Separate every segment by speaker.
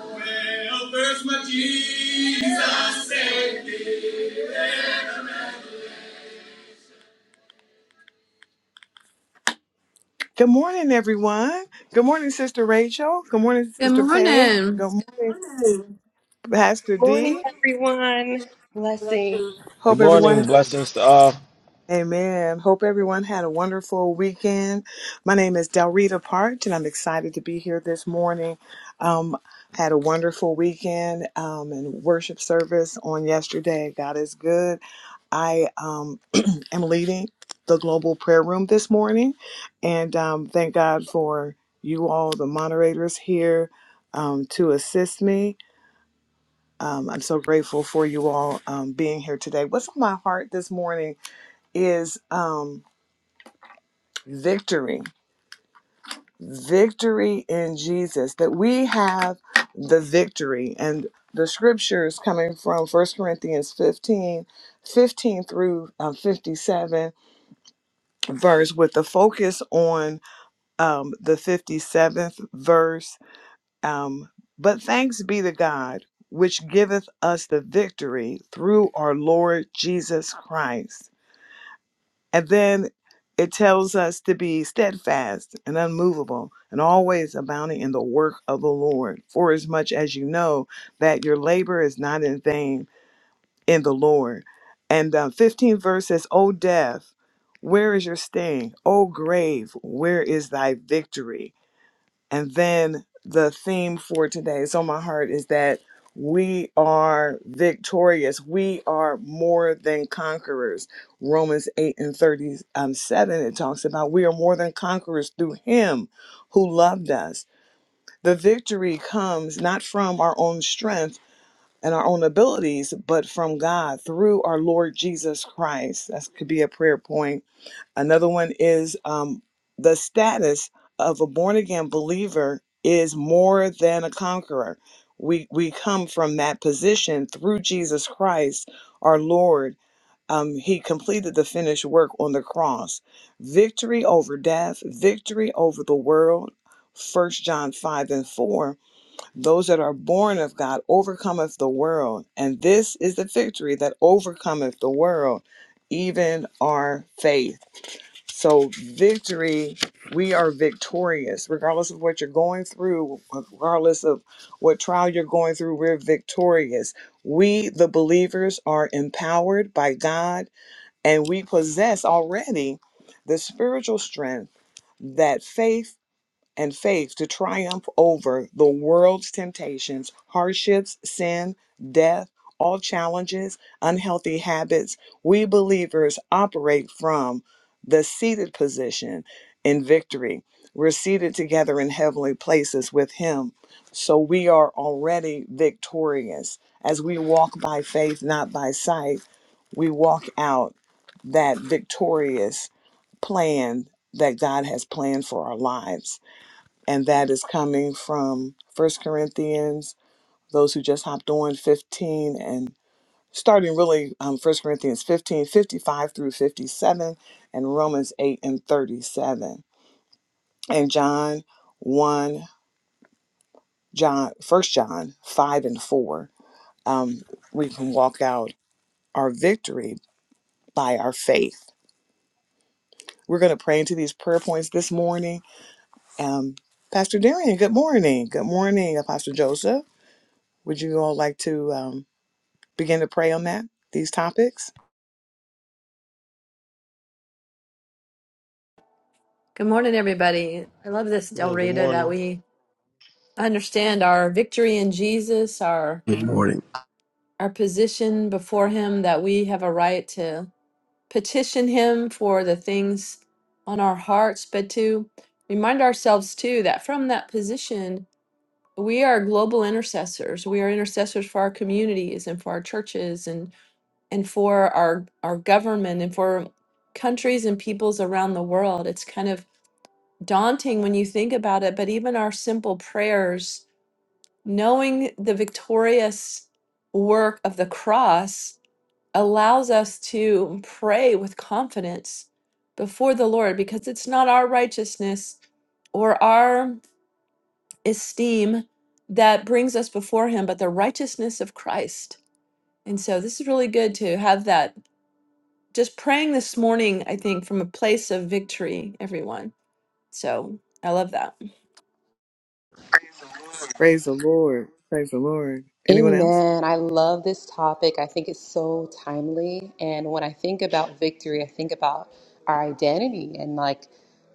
Speaker 1: Well, Good morning, everyone. Good morning, Sister Rachel. Good morning,
Speaker 2: Good
Speaker 1: Sister Paige.
Speaker 2: morning.
Speaker 1: Good morning, Pastor
Speaker 3: Good Morning,
Speaker 1: D.
Speaker 3: everyone. Blessing.
Speaker 4: Good
Speaker 1: Hope
Speaker 4: morning,
Speaker 1: everyone.
Speaker 4: blessings to all.
Speaker 1: Amen. Hope everyone had a wonderful weekend. My name is Delrita Parch, and I'm excited to be here this morning. Um, had a wonderful weekend um, and worship service on yesterday. God is good. I um, am leading the global prayer room this morning, and um, thank God for you all, the moderators here, um, to assist me. Um, I'm so grateful for you all um, being here today. What's on my heart this morning is. Um, victory victory in jesus that we have the victory and the scriptures coming from First corinthians 15, 15 through um, 57 verse with the focus on um, the 57th verse um, but thanks be to god which giveth us the victory through our lord jesus christ And then it tells us to be steadfast and unmovable and always abounding in the work of the Lord, for as much as you know that your labor is not in vain in the Lord. And uh, 15 verse says, O death, where is your sting? O grave, where is thy victory? And then the theme for today, it's on my heart, is that we are victorious. We are more than conquerors. Romans 8 and 37, um, it talks about we are more than conquerors through Him who loved us. The victory comes not from our own strength and our own abilities, but from God through our Lord Jesus Christ. That could be a prayer point Another one is um, the status of a born again believer is more than a conqueror. We we come from that position through Jesus Christ, our Lord. Um, he completed the finished work on the cross. Victory over death, victory over the world. First John 5 and 4 Those that are born of God overcometh the world, and this is the victory that overcometh the world, even our faith. So, victory, we are victorious. Regardless of what you're going through, regardless of what trial you're going through, we're victorious. We, the believers, are empowered by God and we possess already the spiritual strength that faith and faith to triumph over the world's temptations, hardships, sin, death, all challenges, unhealthy habits. We believers operate from the seated position in victory. We're seated together in heavenly places with Him. So we are already victorious. As we walk by faith, not by sight, we walk out that victorious plan that God has planned for our lives and that is coming from First Corinthians, those who just hopped on 15 and starting really um, 1 Corinthians 15 55 through 57, and Romans 8 and 37. And John 1, John, First John 5 and 4. Um, we can walk out our victory by our faith. We're going to pray into these prayer points this morning. Um, Pastor Darian, good morning. Good morning, Apostle Joseph. Would you all like to? Um, begin to pray on that, these topics?
Speaker 2: Good morning, everybody. I love this Del
Speaker 4: Man, good
Speaker 2: Rita that
Speaker 4: morning.
Speaker 2: we understand our victory in Jesus, our
Speaker 5: Good morning,
Speaker 2: our position before Him, that we have a right to petition Him for the things on our hearts, but to remind ourselves too that from that position we are global intercessors. We are intercessors for our communities and for our churches and and for our our government and for countries and peoples around the world. It's kind of daunting when you think about it, but even our simple prayers, knowing the victorious work of the cross, allows us to pray with confidence before the Lord because it's not our righteousness or our esteem that brings us before Him, but the righteousness of Christ. And so this is really good to have that. Just praying this morning, I think, from a place of victory, everyone. So I love that.
Speaker 1: Praise the Lord. Praise the Lord. Anyone else?
Speaker 3: Amen. I love this topic. I think it's so timely. And when I think about victory, I think about our identity and like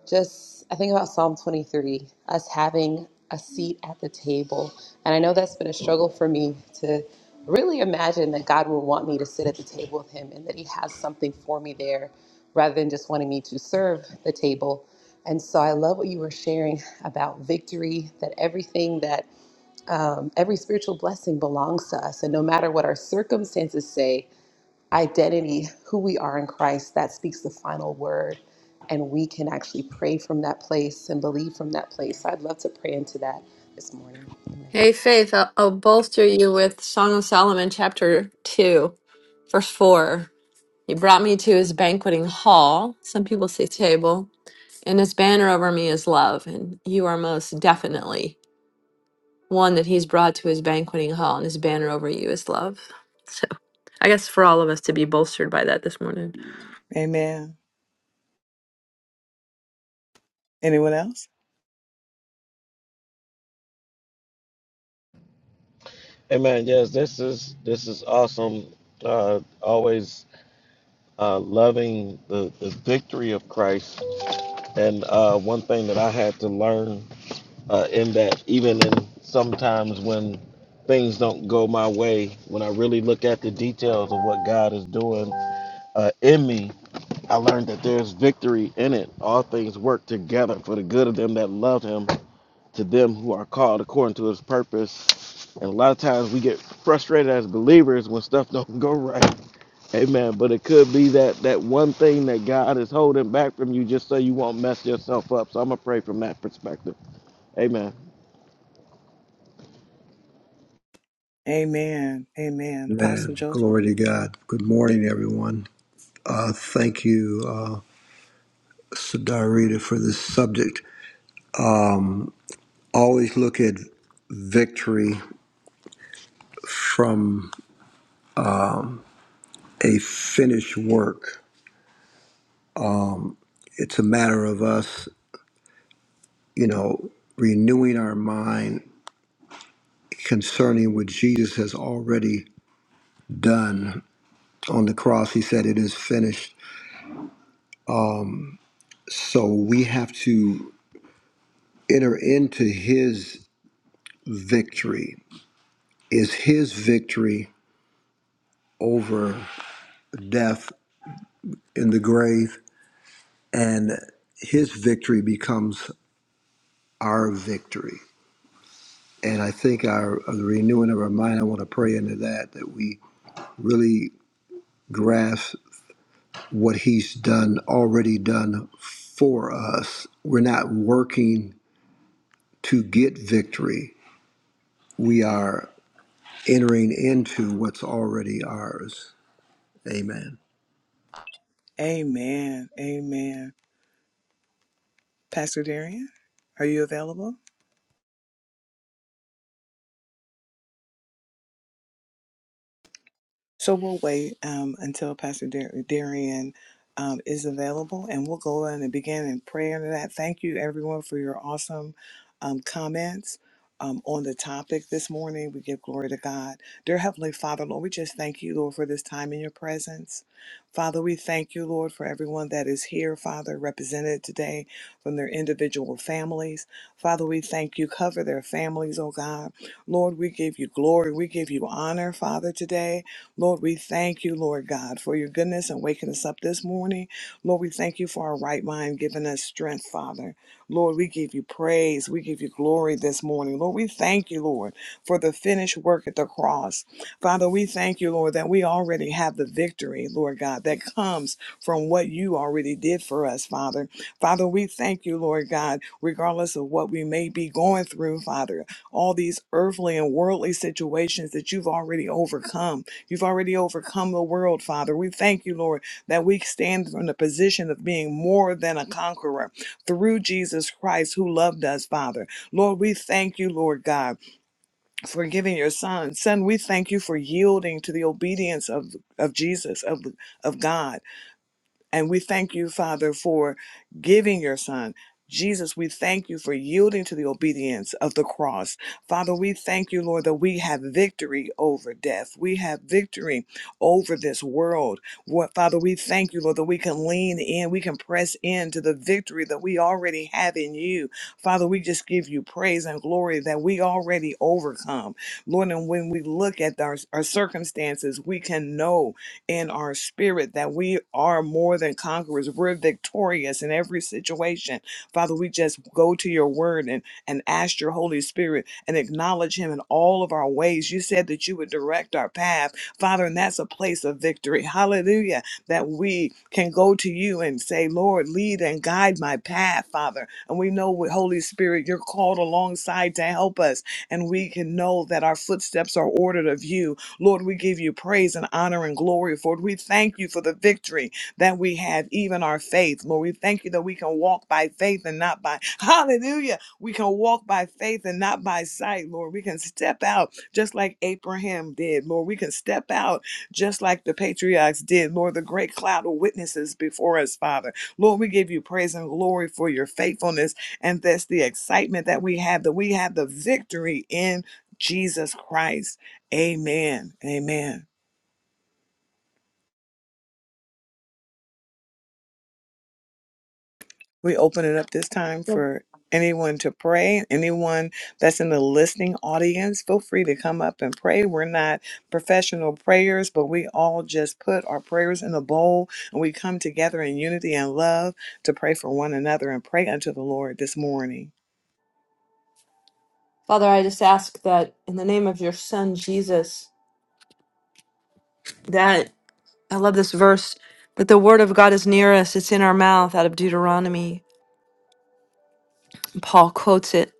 Speaker 3: just, I think about Psalm 23, us having a seat at the table. And I know that's been a struggle for me to really imagine that God would want me to sit at the table with Him and that He has something for me there rather than just wanting me to serve the table. And so I love what you were sharing about victory, that everything that um, every spiritual blessing belongs to us. And no matter what our circumstances say, identity, who we are in Christ, that speaks the final word. And we can actually pray from that place and believe from that place. So I'd love to pray into that this morning. Amen.
Speaker 2: Hey, Faith, I'll, I'll bolster you with Song of Solomon, chapter 2, verse 4. He brought me to his banqueting hall, some people say table, and his banner over me is love. And you are most definitely one that he's brought to his banqueting hall, and his banner over you is love. So I guess for all of us to be bolstered by that this morning.
Speaker 1: Amen. Anyone else?
Speaker 4: Amen. Yes, this is this is awesome. Uh, always uh, loving the, the victory of Christ, and uh, one thing that I had to learn uh, in that, even in sometimes when things don't go my way, when I really look at the details of what God is doing uh, in me, I learned that there's victory in it. All things work together for the good of them that love Him to them who are called according to his purpose. And a lot of times we get frustrated as believers when stuff don't go right. Amen. But it could be that that one thing that God is holding back from you just so you won't mess yourself up. So I'm gonna pray from that perspective. Amen.
Speaker 1: Amen. Amen. Apostle
Speaker 5: man.
Speaker 1: Joseph?
Speaker 5: Glory to God. Good morning, everyone. Uh, thank you, uh, Sadarita, for this subject. Always look at victory from a finished work. It's a matter of us, you know, renewing our mind concerning what Jesus has already done on the cross. He said, It is finished. So we have to enter into his victory. Is his victory over death in the grave, and his victory becomes our victory. And I think our the renewing of our mind, I want to pray into that, that we really grasp what he's done, already done for us. We're not working to get victory. We are entering into what's already ours. Amen.
Speaker 1: Amen. Amen. Pastor Darian, are you available? So we'll wait um, until Pastor Dar- Darian um, is available and we'll go in and begin in prayer to that. Thank you, everyone, for your awesome um, comments. Um, on the topic this morning, we give glory to God. Dear Heavenly Father, Lord, we just thank you, Lord, for this time in your presence. Father, we thank you, Lord, for everyone that is here, Father, represented today from their individual families. Father, we thank you. Cover their families, oh God. Lord, we give you glory. We give you honor, Father, today. Lord, we thank you, Lord God, for your goodness and waking us up this morning. Lord, we thank you for our right mind, giving us strength, Father. Lord, we give you praise. We give you glory this morning. Lord, we thank you, Lord, for the finished work at the cross. Father, we thank you, Lord, that we already have the victory, Lord God, that comes from what you already did for us, Father. Father, we thank you, Lord God, regardless of what we may be going through, Father, all these earthly and worldly situations that you've already overcome. You've already overcome the world, Father. We thank you, Lord, that we stand from the position of being more than a conqueror through Jesus Christ who loved us, Father. Lord, we thank you, Lord God, for giving your son. Son, we thank you for yielding to the obedience of, of Jesus, of, of God. And we thank you, Father, for giving your son. Jesus, we thank you for yielding to the obedience of the cross. Father, we thank you, Lord, that we have victory over death. We have victory over this world. What, Father, we thank you, Lord, that we can lean in, we can press into the victory that we already have in you. Father, we just give you praise and glory that we already overcome. Lord, and when we look at our, our circumstances, we can know in our spirit that we are more than conquerors. We're victorious in every situation. Father, we just go to your word and, and ask your Holy Spirit and acknowledge him in all of our ways. You said that you would direct our path, Father, and that's a place of victory. Hallelujah. That we can go to you and say, Lord, lead and guide my path, Father. And we know with Holy Spirit, you're called alongside to help us. And we can know that our footsteps are ordered of you Lord, we give you praise and honor and glory for it. We thank you for the victory that we have, even our faith. Lord, we thank you that we can walk by faith and not by, hallelujah, we can walk by faith and not by sight, Lord. We can step out just like Abraham did, Lord. We can step out just like the patriarchs did, Lord, the great cloud of witnesses before us, Father. Lord, we give you praise and glory for your faithfulness. And that's the excitement that we have, that we have the victory in Jesus Christ. Amen. Amen. We open it up this time for anyone to pray. Anyone that's in the listening audience, feel free to come up and pray. We're not professional prayers, but we all just put our prayers in a bowl and we come together in unity and love to pray for one another and pray unto the Lord this morning.
Speaker 2: Father, I just ask that in the name of your son, Jesus, that I love this verse, that the word of God is near us, it's in our mouth out of Deuteronomy. Paul quotes it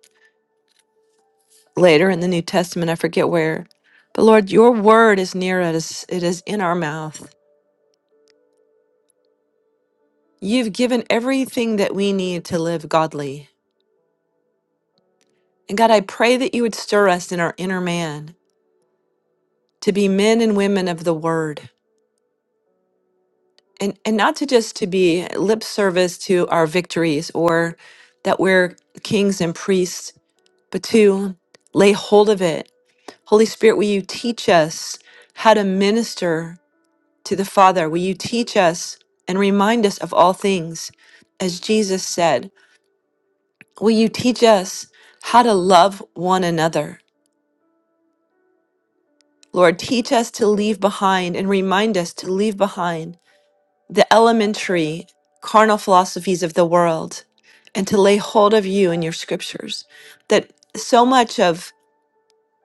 Speaker 2: later in the New Testament. I forget where. But Lord, your word is near us, it is in our mouth. You've given everything that we need to live godly. And God, I pray that you would stir us in our inner man to be men and women of the word. And, and not to just to be lip service to our victories or that we're kings and priests, but to lay hold of it. Holy Spirit, will you teach us how to minister to the Father, will you teach us and remind us of all things? As Jesus said, will you teach us how to love one another? Lord, teach us to leave behind and remind us to leave behind the elementary carnal philosophies of the world and to lay hold of you and your scriptures. That so much of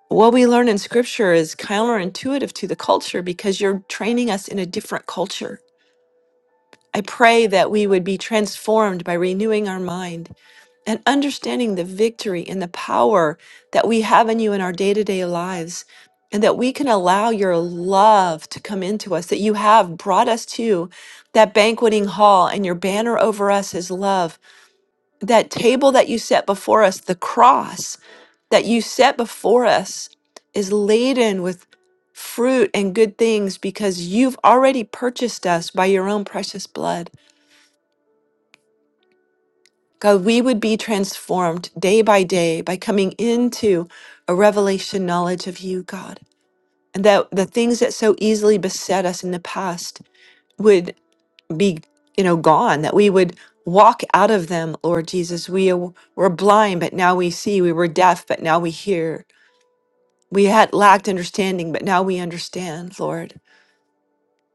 Speaker 2: what we learn in scripture is counterintuitive to the culture because you're training us in a different culture I pray that we would be transformed by renewing our mind and understanding the victory and the power that we have in you in our day to day lives, and that we can allow your love to come into us, that you have brought us to that banqueting hall, and your banner over us is love. That table that you set before us, the cross that you set before us, is laden with fruit and good things because you've already purchased us by your own precious blood. God, we would be transformed day by day by coming into a revelation knowledge of you, God. And that the things that so easily beset us in the past would be, you know, gone, that we would walk out of them, Lord Jesus. We w- were blind, but now we see. We were deaf, but now we hear. We had lacked understanding, but now we understand, Lord.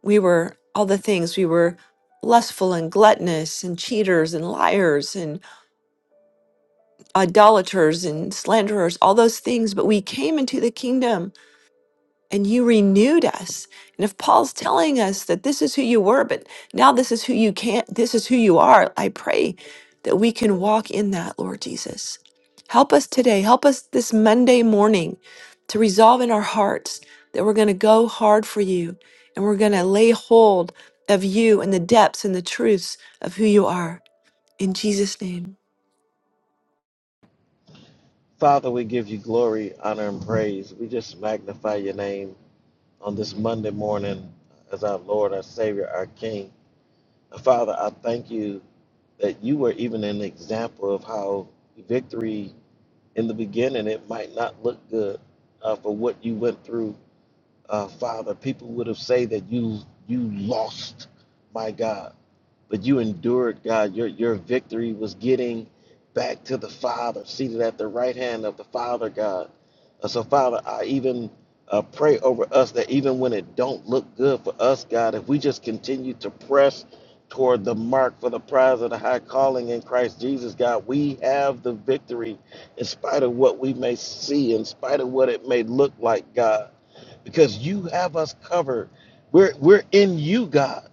Speaker 2: We were all the things. We were lustful and gluttonous and cheaters and liars idolaters and slanderers, all those things, but we came into the kingdom and you renewed us. And if Paul's telling us that this is who you were, but now this is who you can't, this is who you are, I pray that we can walk in that, Lord Jesus. Help us today. Help us this Monday morning to resolve in our hearts that we're going to go hard for you and we're going to lay hold of you and the depths and the truths of who you are. In Jesus' name.
Speaker 4: Father, we give you glory, honor, and praise. We just magnify your name on this Monday morning as our Lord, our Savior, our King. Father, I thank you that you were even an example of how victory in the beginning it might not look good uh, for what you went through uh, father people would have said that you you lost my god but you endured god your your victory was getting back to the father seated at the right hand of the father god Uh, so father i even uh, pray over us that even when it don't look good for us god if we just continue to press toward the mark for the prize of the high calling in christ jesus god we have the victory in spite of what we may see in spite of what it may look like god because you have us covered we're we're in you god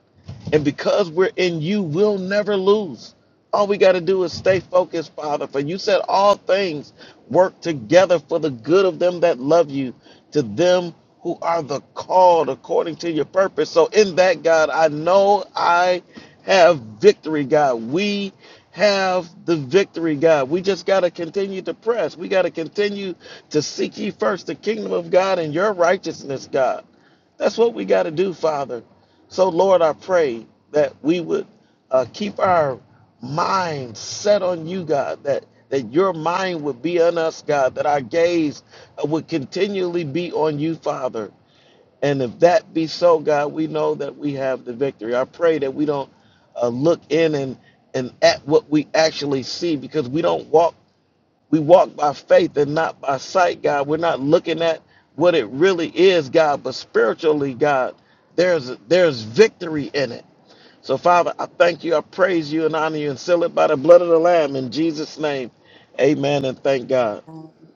Speaker 4: and because we're in you, we'll never lose. All we got to do is stay focused, Father. For you said all things work together for the good of them that love you, to them who are the called according to your purpose. So, in that, God, I know I have victory, God. We have the victory, God. We just got to continue to press. We got to continue to seek ye first the kingdom of God and your righteousness, God. That's what we got to do, Father. So, Lord, I pray that we would uh, keep our mind set on you, God, that, that your mind would be on us, God, that our gaze uh, would continually be on you, Father. And if that be so, God, we know that we have the victory. I pray that we don't uh, look in and, and at what we actually see because we don't walk we walk by faith and not by sight, God. We're not looking at what it really is, God, but spiritually, God, there's there's victory in it. So, Father, I thank you, I praise you, and honor you, and seal it by the blood of the Lamb in Jesus' name. Amen, and thank God.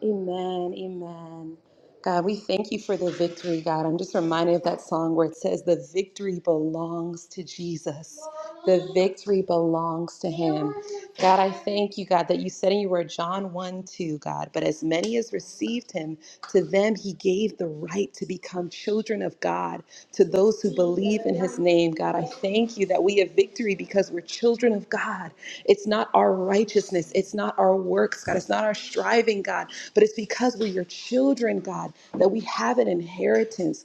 Speaker 3: Amen. Amen. God, we thank you for the victory, God. I'm just reminded of that song where it says, The victory belongs to Jesus. The victory belongs to him. God, I thank you, God, that you said in your word, John 1 2, God, but as many as received him, to them he gave the right right to become children of God to those who believe in his name. God, I thank you that we have victory because we're children of God. It's not our righteousness, it's not our works, God, it's not our striving, God, but it's because we're your children, God, that we have an inheritance.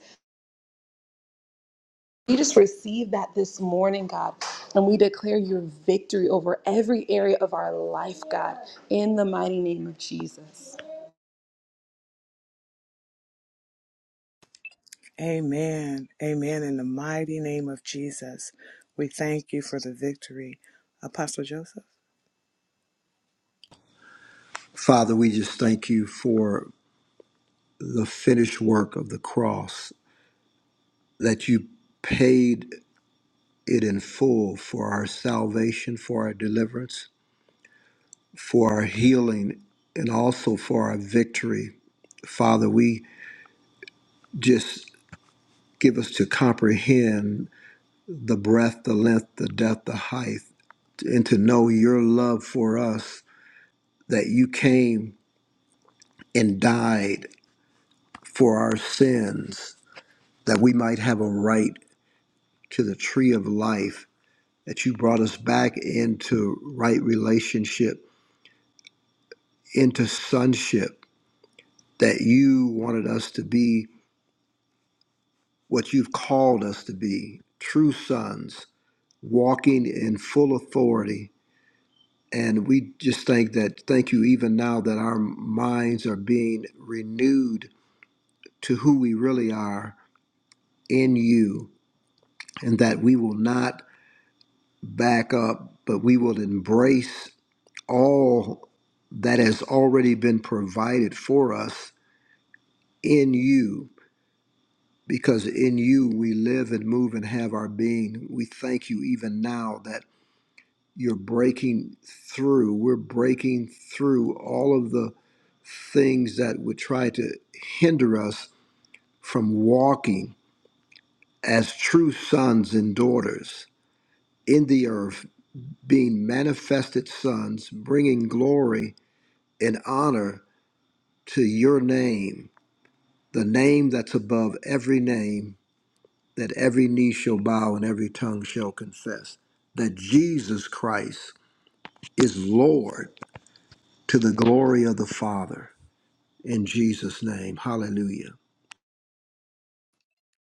Speaker 3: We just receive that this morning, God, and we declare your victory over every area of our life, God, in the mighty name of Jesus.
Speaker 1: Amen. Amen. In the mighty name of Jesus, we thank you for the victory. Apostle Joseph.
Speaker 5: Father, we just thank you for the finished work of the cross that you paid it in full for our salvation, for our deliverance, for our healing, and also for our victory. Father, we just give us to comprehend the breadth, the length, the depth, the height, and to know your love for us, that you came and died for our sins, that we might have a right to the tree of life, that you brought us back into right relationship into sonship, that you wanted us to be what you've called us to be true sons, walking in full authority. And we just thank that, thank you, even now that our minds are being renewed to who we really are in you, and that we will not back up, but we will embrace all that has already been provided for us in you because in you we live and move and have our being. We thank you even now that you're breaking through. We're breaking through all of the things that would try to hinder us from walking as true sons and daughters in the earth, being manifested sons, bringing glory and honor to your name, the name that's above every name that every knee shall bow and every tongue shall confess that Jesus Christ is Lord to the glory of the Father. In Jesus' name, hallelujah.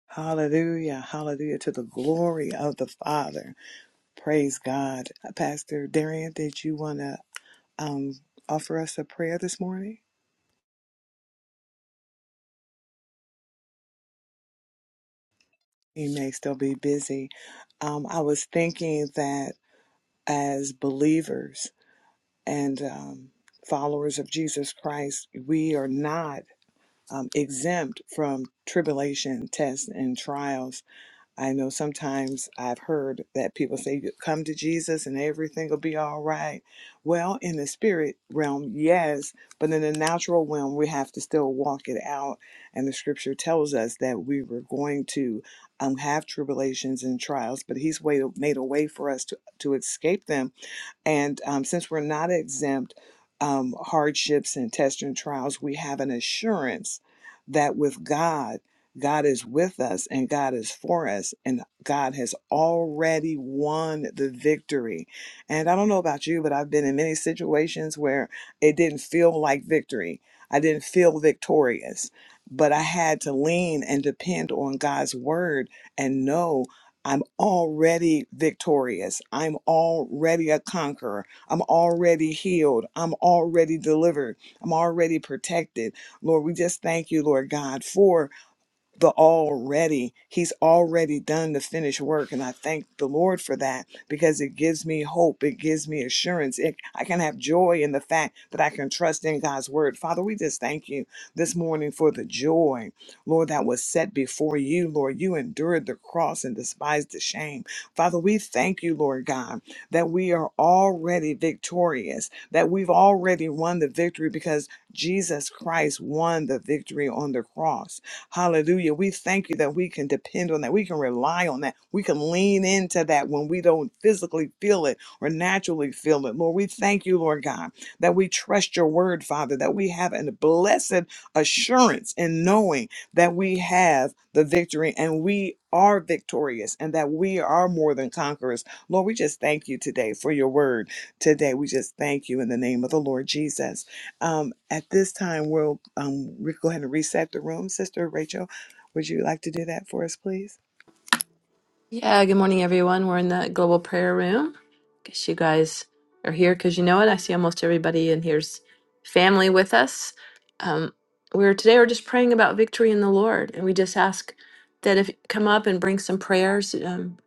Speaker 1: Hallelujah. Hallelujah to the glory of the Father. Praise God. Uh, Pastor Darian, did you want to um, offer us a prayer this morning? He may still be busy. Um, I was thinking that as believers and um, followers of Jesus Christ, we are not um, exempt from tribulation, tests, and trials I know sometimes I've heard that people say, "You come to Jesus and everything will be all right. Well, in the spirit realm, yes, but in the natural realm, we have to still walk it out. And the scripture tells us that we were going to um, have tribulations and trials, but He's way, made a way for us to, to escape them and um, since we're not exempt um, hardships and tests and trials, we have an assurance that with God, God is with us and God is for us, and God has already won the victory. And I don't know about you, but I've been in many situations where it didn't feel like victory. I didn't feel victorious, but I had to lean and depend on God's word and know I'm already victorious. I'm already a conqueror. I'm already healed. I'm already delivered. I'm already protected. Lord, we just thank you, Lord God, for the already. He's already done the finished work. And I thank the Lord for that because it gives me hope. It gives me assurance. It, I can have joy in the fact that I can trust in God's word. Father, we just thank you this morning for the joy, Lord, that was set before you. Lord, you endured the cross and despised the shame. Father, we thank you, Lord God, that we are already victorious, that we've already won the victory because Jesus Christ won the victory on the cross. Hallelujah. We thank you that we can depend on that. We can rely on that. We can lean into that when we don't physically feel it or naturally feel it. Lord, we thank you, Lord God, that we trust your word, Father, that we have a blessed assurance in knowing that we have the victory and we are victorious and that we are more than conquerors. Lord, we just thank you today for your word. Today, we just thank you in the name of the Lord Jesus. Um, at this time, we'll um, re- go ahead and reset the room. Sister Rachel, would you like to do that for us, please?
Speaker 2: Yeah, good morning, everyone. We're in the global prayer room. Guess you guys are here because you know it. I see almost everybody and here's family with us. Um, we're today we're just praying about victory in the Lord, and we just ask that if you come up and bring some prayers. Um,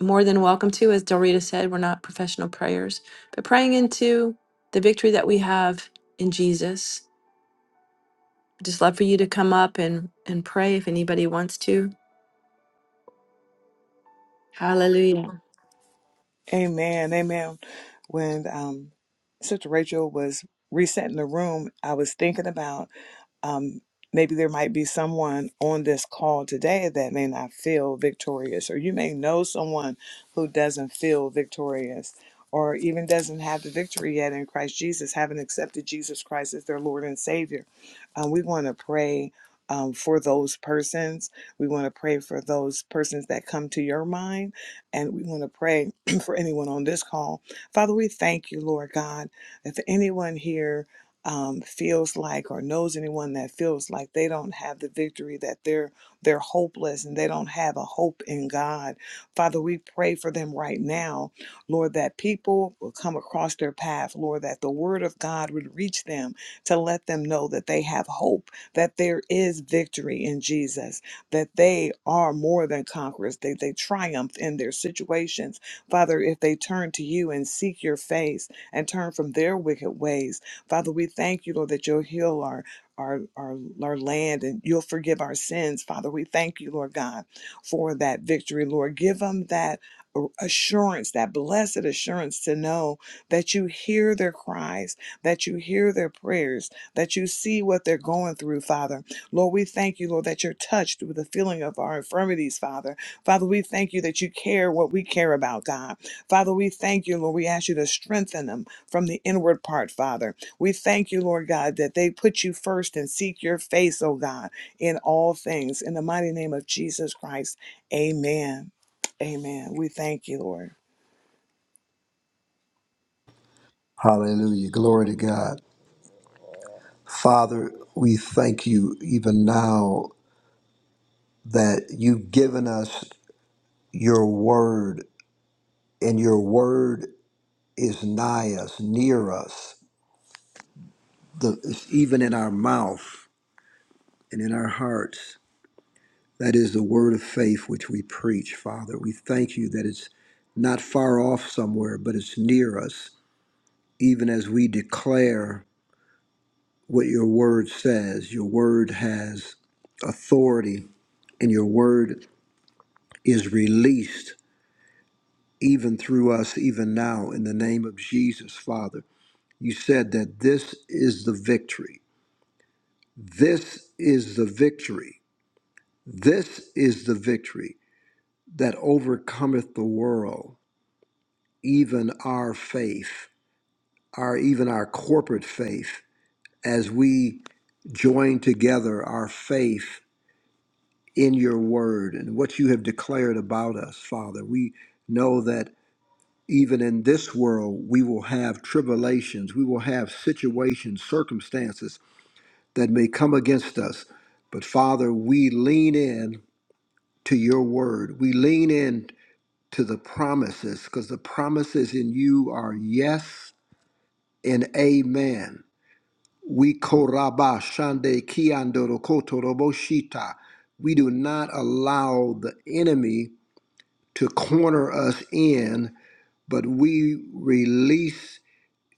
Speaker 2: more than welcome to, as Dorita said, we're not professional prayers, but praying into the victory that we have in Jesus. I'd just love for you to come up and and pray if anybody wants to. Hallelujah.
Speaker 1: Amen. Amen. When um, Sister Rachel was resetting the room, I was thinking about um, maybe there might be someone on this call today that may not feel victorious, or you may know someone who doesn't feel victorious, or even doesn't have the victory yet in Christ Jesus, haven't accepted Jesus Christ as their Lord and Savior. Um, we want to pray. Um, for those persons, we want to pray for those persons that come to your mind, and we want to pray for anyone on this call. Father, we thank you, Lord God, if anyone here um, feels like or knows anyone that feels like they don't have the victory that they're they're hopeless and they don't have a hope in God father we pray for them right now lord that people will come across their path lord that the word of God would reach them to let them know that they have hope that there is victory in Jesus that they are more than conquerors they they triumph in their situations father if they turn to you and seek your face and turn from their wicked ways Father, we thank you, Lord, that you'll heal our our, our our land and you'll forgive our sins. Father, we thank you, Lord God, for that victory, Lord. Give them that assurance, that blessed assurance to know that you hear their cries, that you hear their prayers, that you see what they're going through, Father. Lord, we thank you, Lord, that you're touched with the feeling of our infirmities, Father. Father, we thank you that you care what we care about, God. Father, we thank you, Lord. We ask you to strengthen them from the inward part, Father. We thank you, Lord God, that they put you first and seek your face, oh God, in all things. In the mighty name of Jesus Christ, amen. Amen. We thank you, Lord.
Speaker 5: Hallelujah. Glory to God. Father, we thank you even now that you've given us your word, and your word is nigh us, near us, the, it's even in our mouth and in our hearts. That is the word of faith which we preach, Father. We thank you that it's not far off somewhere, but it's near us, even as we declare what your word says. Your word has authority, and your word is released even through us, even now, in the name of Jesus, Father. You said that this is the victory. This is the victory. This is the victory that overcometh the world even our faith, our even our corporate faith, as we join together our faith in your word and what you have declared about us, Father. We know that even in this world we will have tribulations, we will have situations, circumstances that may come against us. But Father, we lean in to your word. We lean in to the promises because the promises in you are yes and amen. We koraba shande kiandoro kotoroboshita. We do not allow the enemy to corner us in, but we release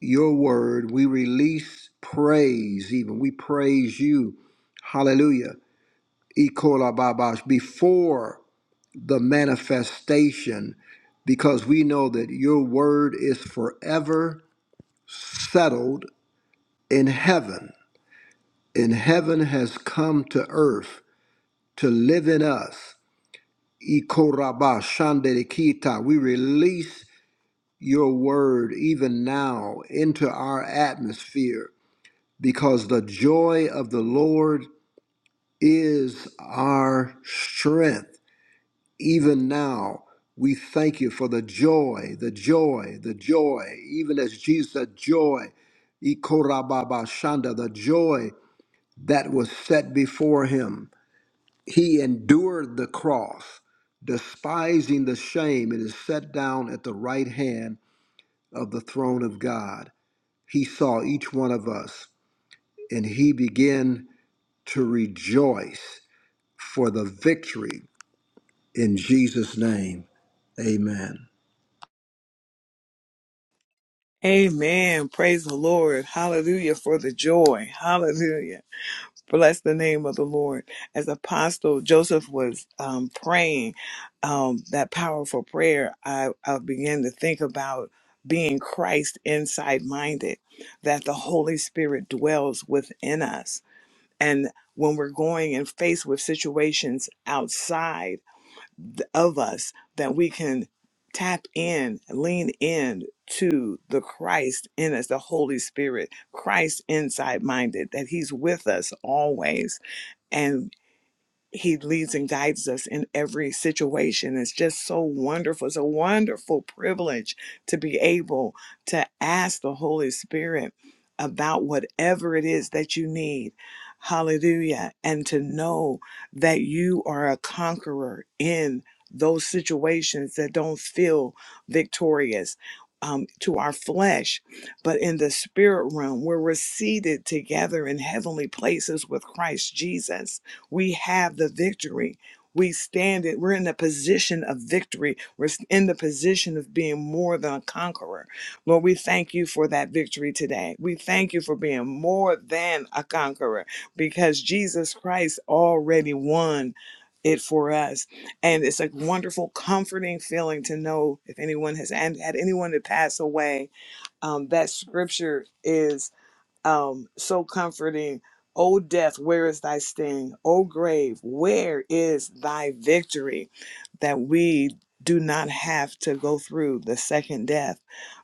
Speaker 5: your word. We release praise, even. We praise you. Hallelujah. Ikolababash, Before the manifestation, because we know that your word is forever settled in heaven. And heaven has come to earth to live in us. Ikoraba shandelikita. We release your word even now into our atmosphere because the joy of the Lord is our strength. Even now, we thank you for the joy, the joy, the joy, even as Jesus said, joy, Ikorababa shanda, the joy that was set before him He endured the cross, despising the shame, and is set down at the right hand of the throne of God. He saw each one of us, and he began to rejoice for the victory in Jesus' name. Amen.
Speaker 1: Amen. Praise the Lord. Hallelujah for the joy. Hallelujah. Bless the name of the Lord. As Apostle Joseph was um, praying um, that powerful prayer, I, I began to think about being Christ inside minded, that the Holy Spirit dwells within us And when we're going and faced with situations outside of us, that we can tap in, lean in to the Christ in us, the Holy Spirit, Christ inside minded, that He's with us always. and he leads and guides us in every situation. It's just so wonderful. It's a wonderful privilege to be able to ask the Holy Spirit about whatever it is that you need. Hallelujah. And to know that you are a conqueror in those situations that don't feel victorious. Um, to our flesh, but in the spirit realm where we're seated together in heavenly places with Christ Jesus we have the victory. We stand it. We're in the position of victory. We're in the position of being more than a conqueror. Lord, we thank you for that victory today. We thank you for being more than a conqueror because Jesus Christ already won it for us. And it's a wonderful, comforting feeling to know if anyone has and had anyone that passed away. Um, that scripture is um, so comforting. O death, where is thy sting? O grave, where is thy victory? That we do not have to go through the second death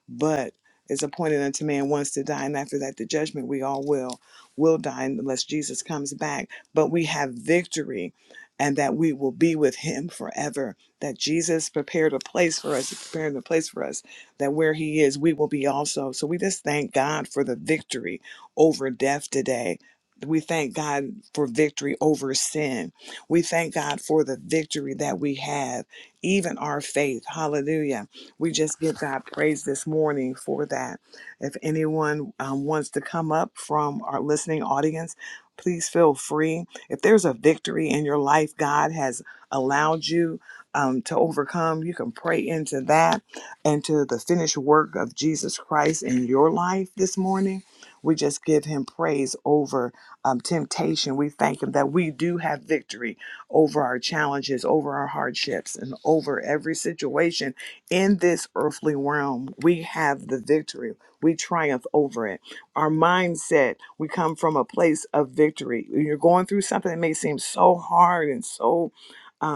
Speaker 1: but it's appointed unto man once to die, and after that the judgment we all will will die unless Jesus comes back. But we have victory and that we will be with him forever. That Jesus prepared a place for us, prepared a place for us, that where he is, we will be also. So we just thank God for the victory over death today. We thank God for victory over sin. We thank God for the victory that we have, even our faith. Hallelujah we just give God praise this morning for that. If anyone um, wants to come up from our listening audience, please feel free. If there's a victory in your life God has allowed you um, to overcome, you can pray into that and to the finished work of Jesus Christ in your life this morning. We just give him praise over um, temptation. We thank him that we do have victory over our challenges, over our hardships, and over every situation in this earthly realm, we have the victory. We triumph over it. Our mindset, we come from a place of victory. When you're going through something that may seem so hard and so uh,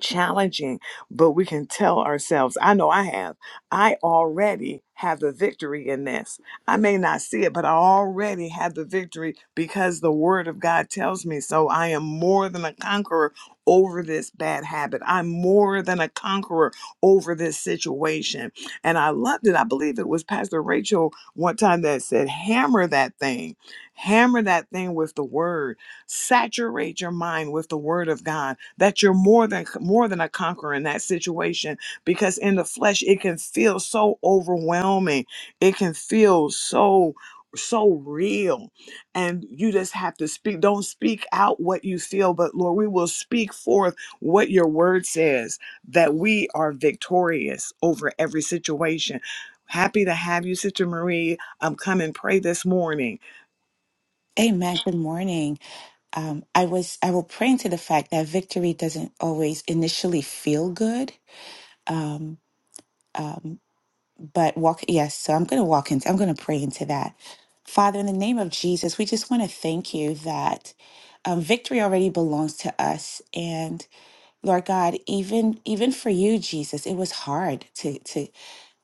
Speaker 1: challenging, but we can tell ourselves, I know I have, I already have the victory in this. I may not see it, but I already have the victory because the word of God tells me so. I am more than a conqueror over this bad habit. I'm more than a conqueror over this situation. And I loved it. I believe it was Pastor Rachel one time that said, hammer that thing, hammer that thing with the word Saturate your mind with the word of God that you're more than more than a conqueror in that situation because in the flesh it can feel so overwhelming. It can feel so so real and you just have to speak don't speak out what you feel but lord we will speak forth what your word says that we are victorious over every situation happy to have you sister marie um, come and pray this morning
Speaker 6: Amen. Good morning. Um, I was I will praying to the fact that victory doesn't always initially feel good. Um, um, but walk yes, so I'm gonna walk into I'm gonna pray into that. Father, in the name of Jesus, we just want to thank you that um, victory already belongs to us. And Lord God, even even for you, Jesus, it was hard to to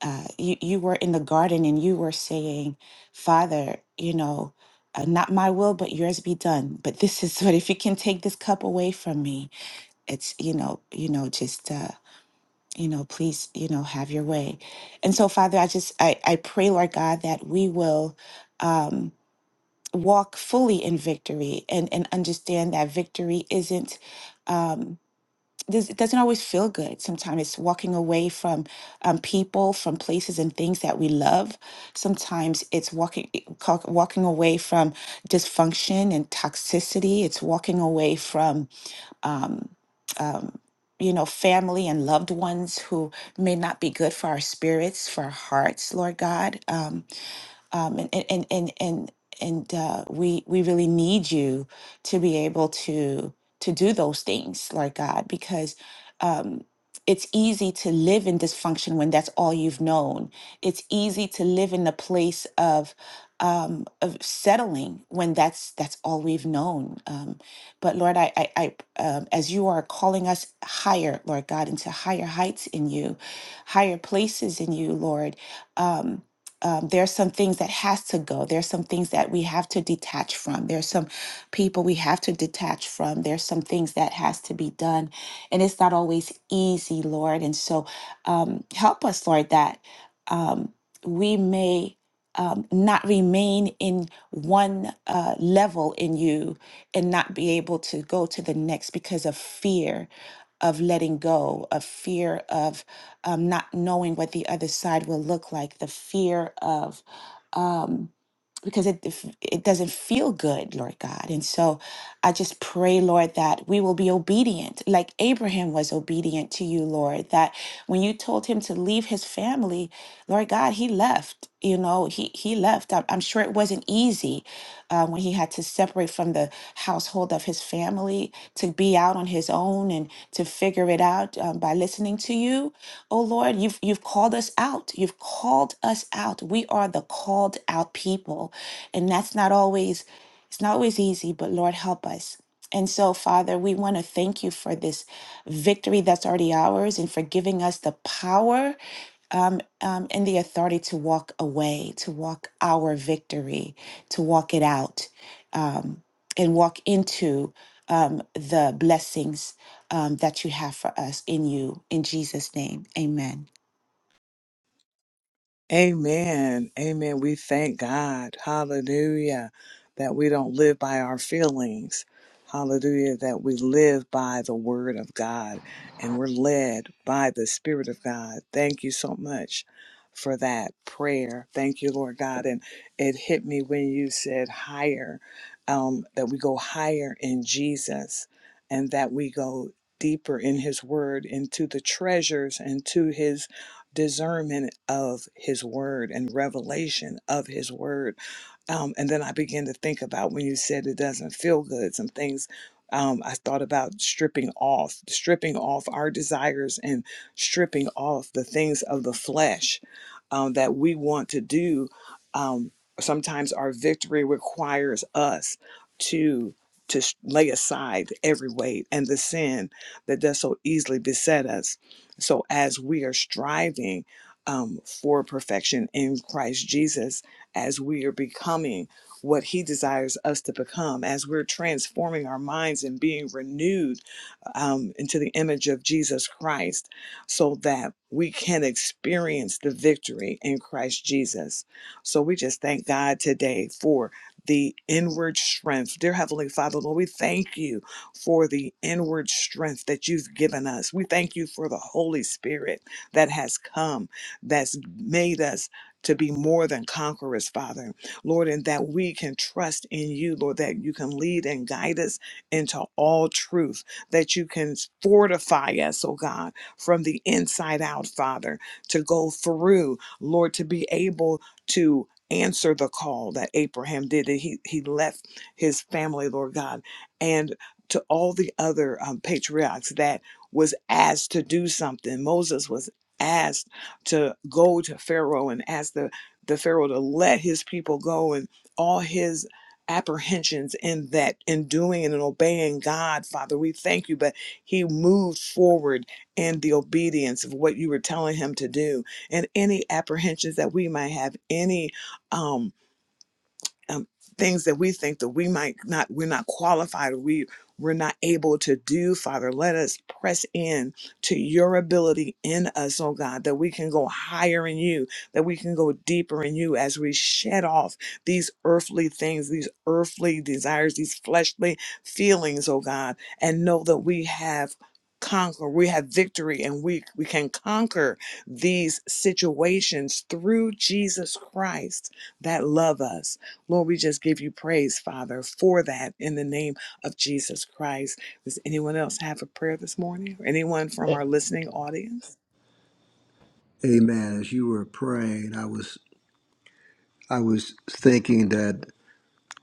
Speaker 6: uh, you you were in the garden and you were saying, Father, you know, uh, not my will but yours be done. But this is what if you can take this cup away from me, it's you know, you know, just uh, you know, please, you know, have your way. And so, Father, I just I I pray, Lord God, that we will. Um, walk fully in victory and and understand that victory isn't um, this, it doesn't always feel good. Sometimes it's walking away from um, people, from places and things that we love. Sometimes it's walking eh, ca- walking away from dysfunction and toxicity. It's walking away from um, um, you know family and loved ones who may not be good for our spirits, for our hearts, Lord God. Um, um, and and and and and, uh, we we really need you to be able to to do those things, Lord God, because um, it's easy to live in dysfunction when that's all you've known. It's easy to live in a place of um, of settling when that's that's all we've known. Um, but Lord, I, I, I um, as you are calling us higher, Lord God, into higher heights in you, higher places in you, Lord. Um, um, there are some things that has to go there are some things that we have to detach from There are some people we have to detach from there's some things that has to be done and it's not always easy lord and so um, help us lord that um, we may um, not remain in one uh, level in you and not be able to go to the next because of fear of letting go of fear of um, not knowing what the other side will look like, the fear of, um, because it if- it doesn't feel good, Lord God. And so I just pray, Lord, that we will be obedient, like Abraham was obedient to you, Lord, that when you told him to leave his family, Lord God, he left. You know, he he left. I'm, I'm sure it wasn't easy uh, when he had to separate from the household of his family to be out on his own and to figure it out um, by listening to you. Oh Lord, you've you've called us out. You've called us out. We are the called out people, and that's not always. It's not always easy, but Lord, help us. And so, Father, we want to thank you for this victory that's already ours and for giving us the power um, um, and the authority to walk away, to walk our victory, to walk it out, um, and walk into um, the blessings um, that you have for us in you. In Jesus' name, amen.
Speaker 1: Amen. Amen. We thank God. Hallelujah. That we don't live by our feelings. Hallelujah. That we live by the word of God and we're led by the spirit of God. Thank you so much for that prayer. Thank you, Lord God. And it hit me when you said higher, um, that we go higher in Jesus and that we go deeper in his word into the treasures and to his discernment of his word and revelation of his word. Um, and then I began to think about when you said it doesn't feel good, some things. Um, I thought about stripping off, stripping off our desires and stripping off the things of the flesh um, that we want to do. Um, sometimes our victory requires us to to s- lay aside every weight and the sin that does so easily beset us so, as we are striving um, for perfection in Christ Jesus, as we are becoming what He desires us to become, as we're transforming our minds and being renewed um, into the image of Jesus Christ, so that we can experience the victory in Christ Jesus. So, we just thank God today for the inward strength. Dear Heavenly Father, Lord, we thank you for the inward strength that you've given us. We thank you for the Holy Spirit that has come, that's made us to be more than conquerors, Father. Lord, and that we can trust in you, Lord, that you can lead and guide us into all truth, that you can fortify us, oh God, from the inside out, Father, to go through, Lord, to be able to answer the call that Abraham did. that He he left his family, Lord God, and to all the other um, patriarchs that was asked to do something. Moses was asked to go to Pharaoh and ask the, the Pharaoh to let his people go and all his apprehensions in that in doing and in obeying God, Father. We thank you, but he moved forward in the obedience of what you were telling him to do. And any apprehensions that we might have, any um um, things that we think that we might not we're not qualified or we we're not able to do father let us press in to your ability in us oh god that we can go higher in you that we can go deeper in you as we shed off these earthly things these earthly desires these fleshly feelings oh god and know that we have conquer we have victory and we we can conquer these situations through jesus christ that love us Lord, we just give you praise, Father, for that in the name of Jesus Christ. Does anyone else have a prayer this morning? Or anyone from
Speaker 4: A-
Speaker 1: our listening audience?
Speaker 5: Amen. As you were praying, I was I was thinking that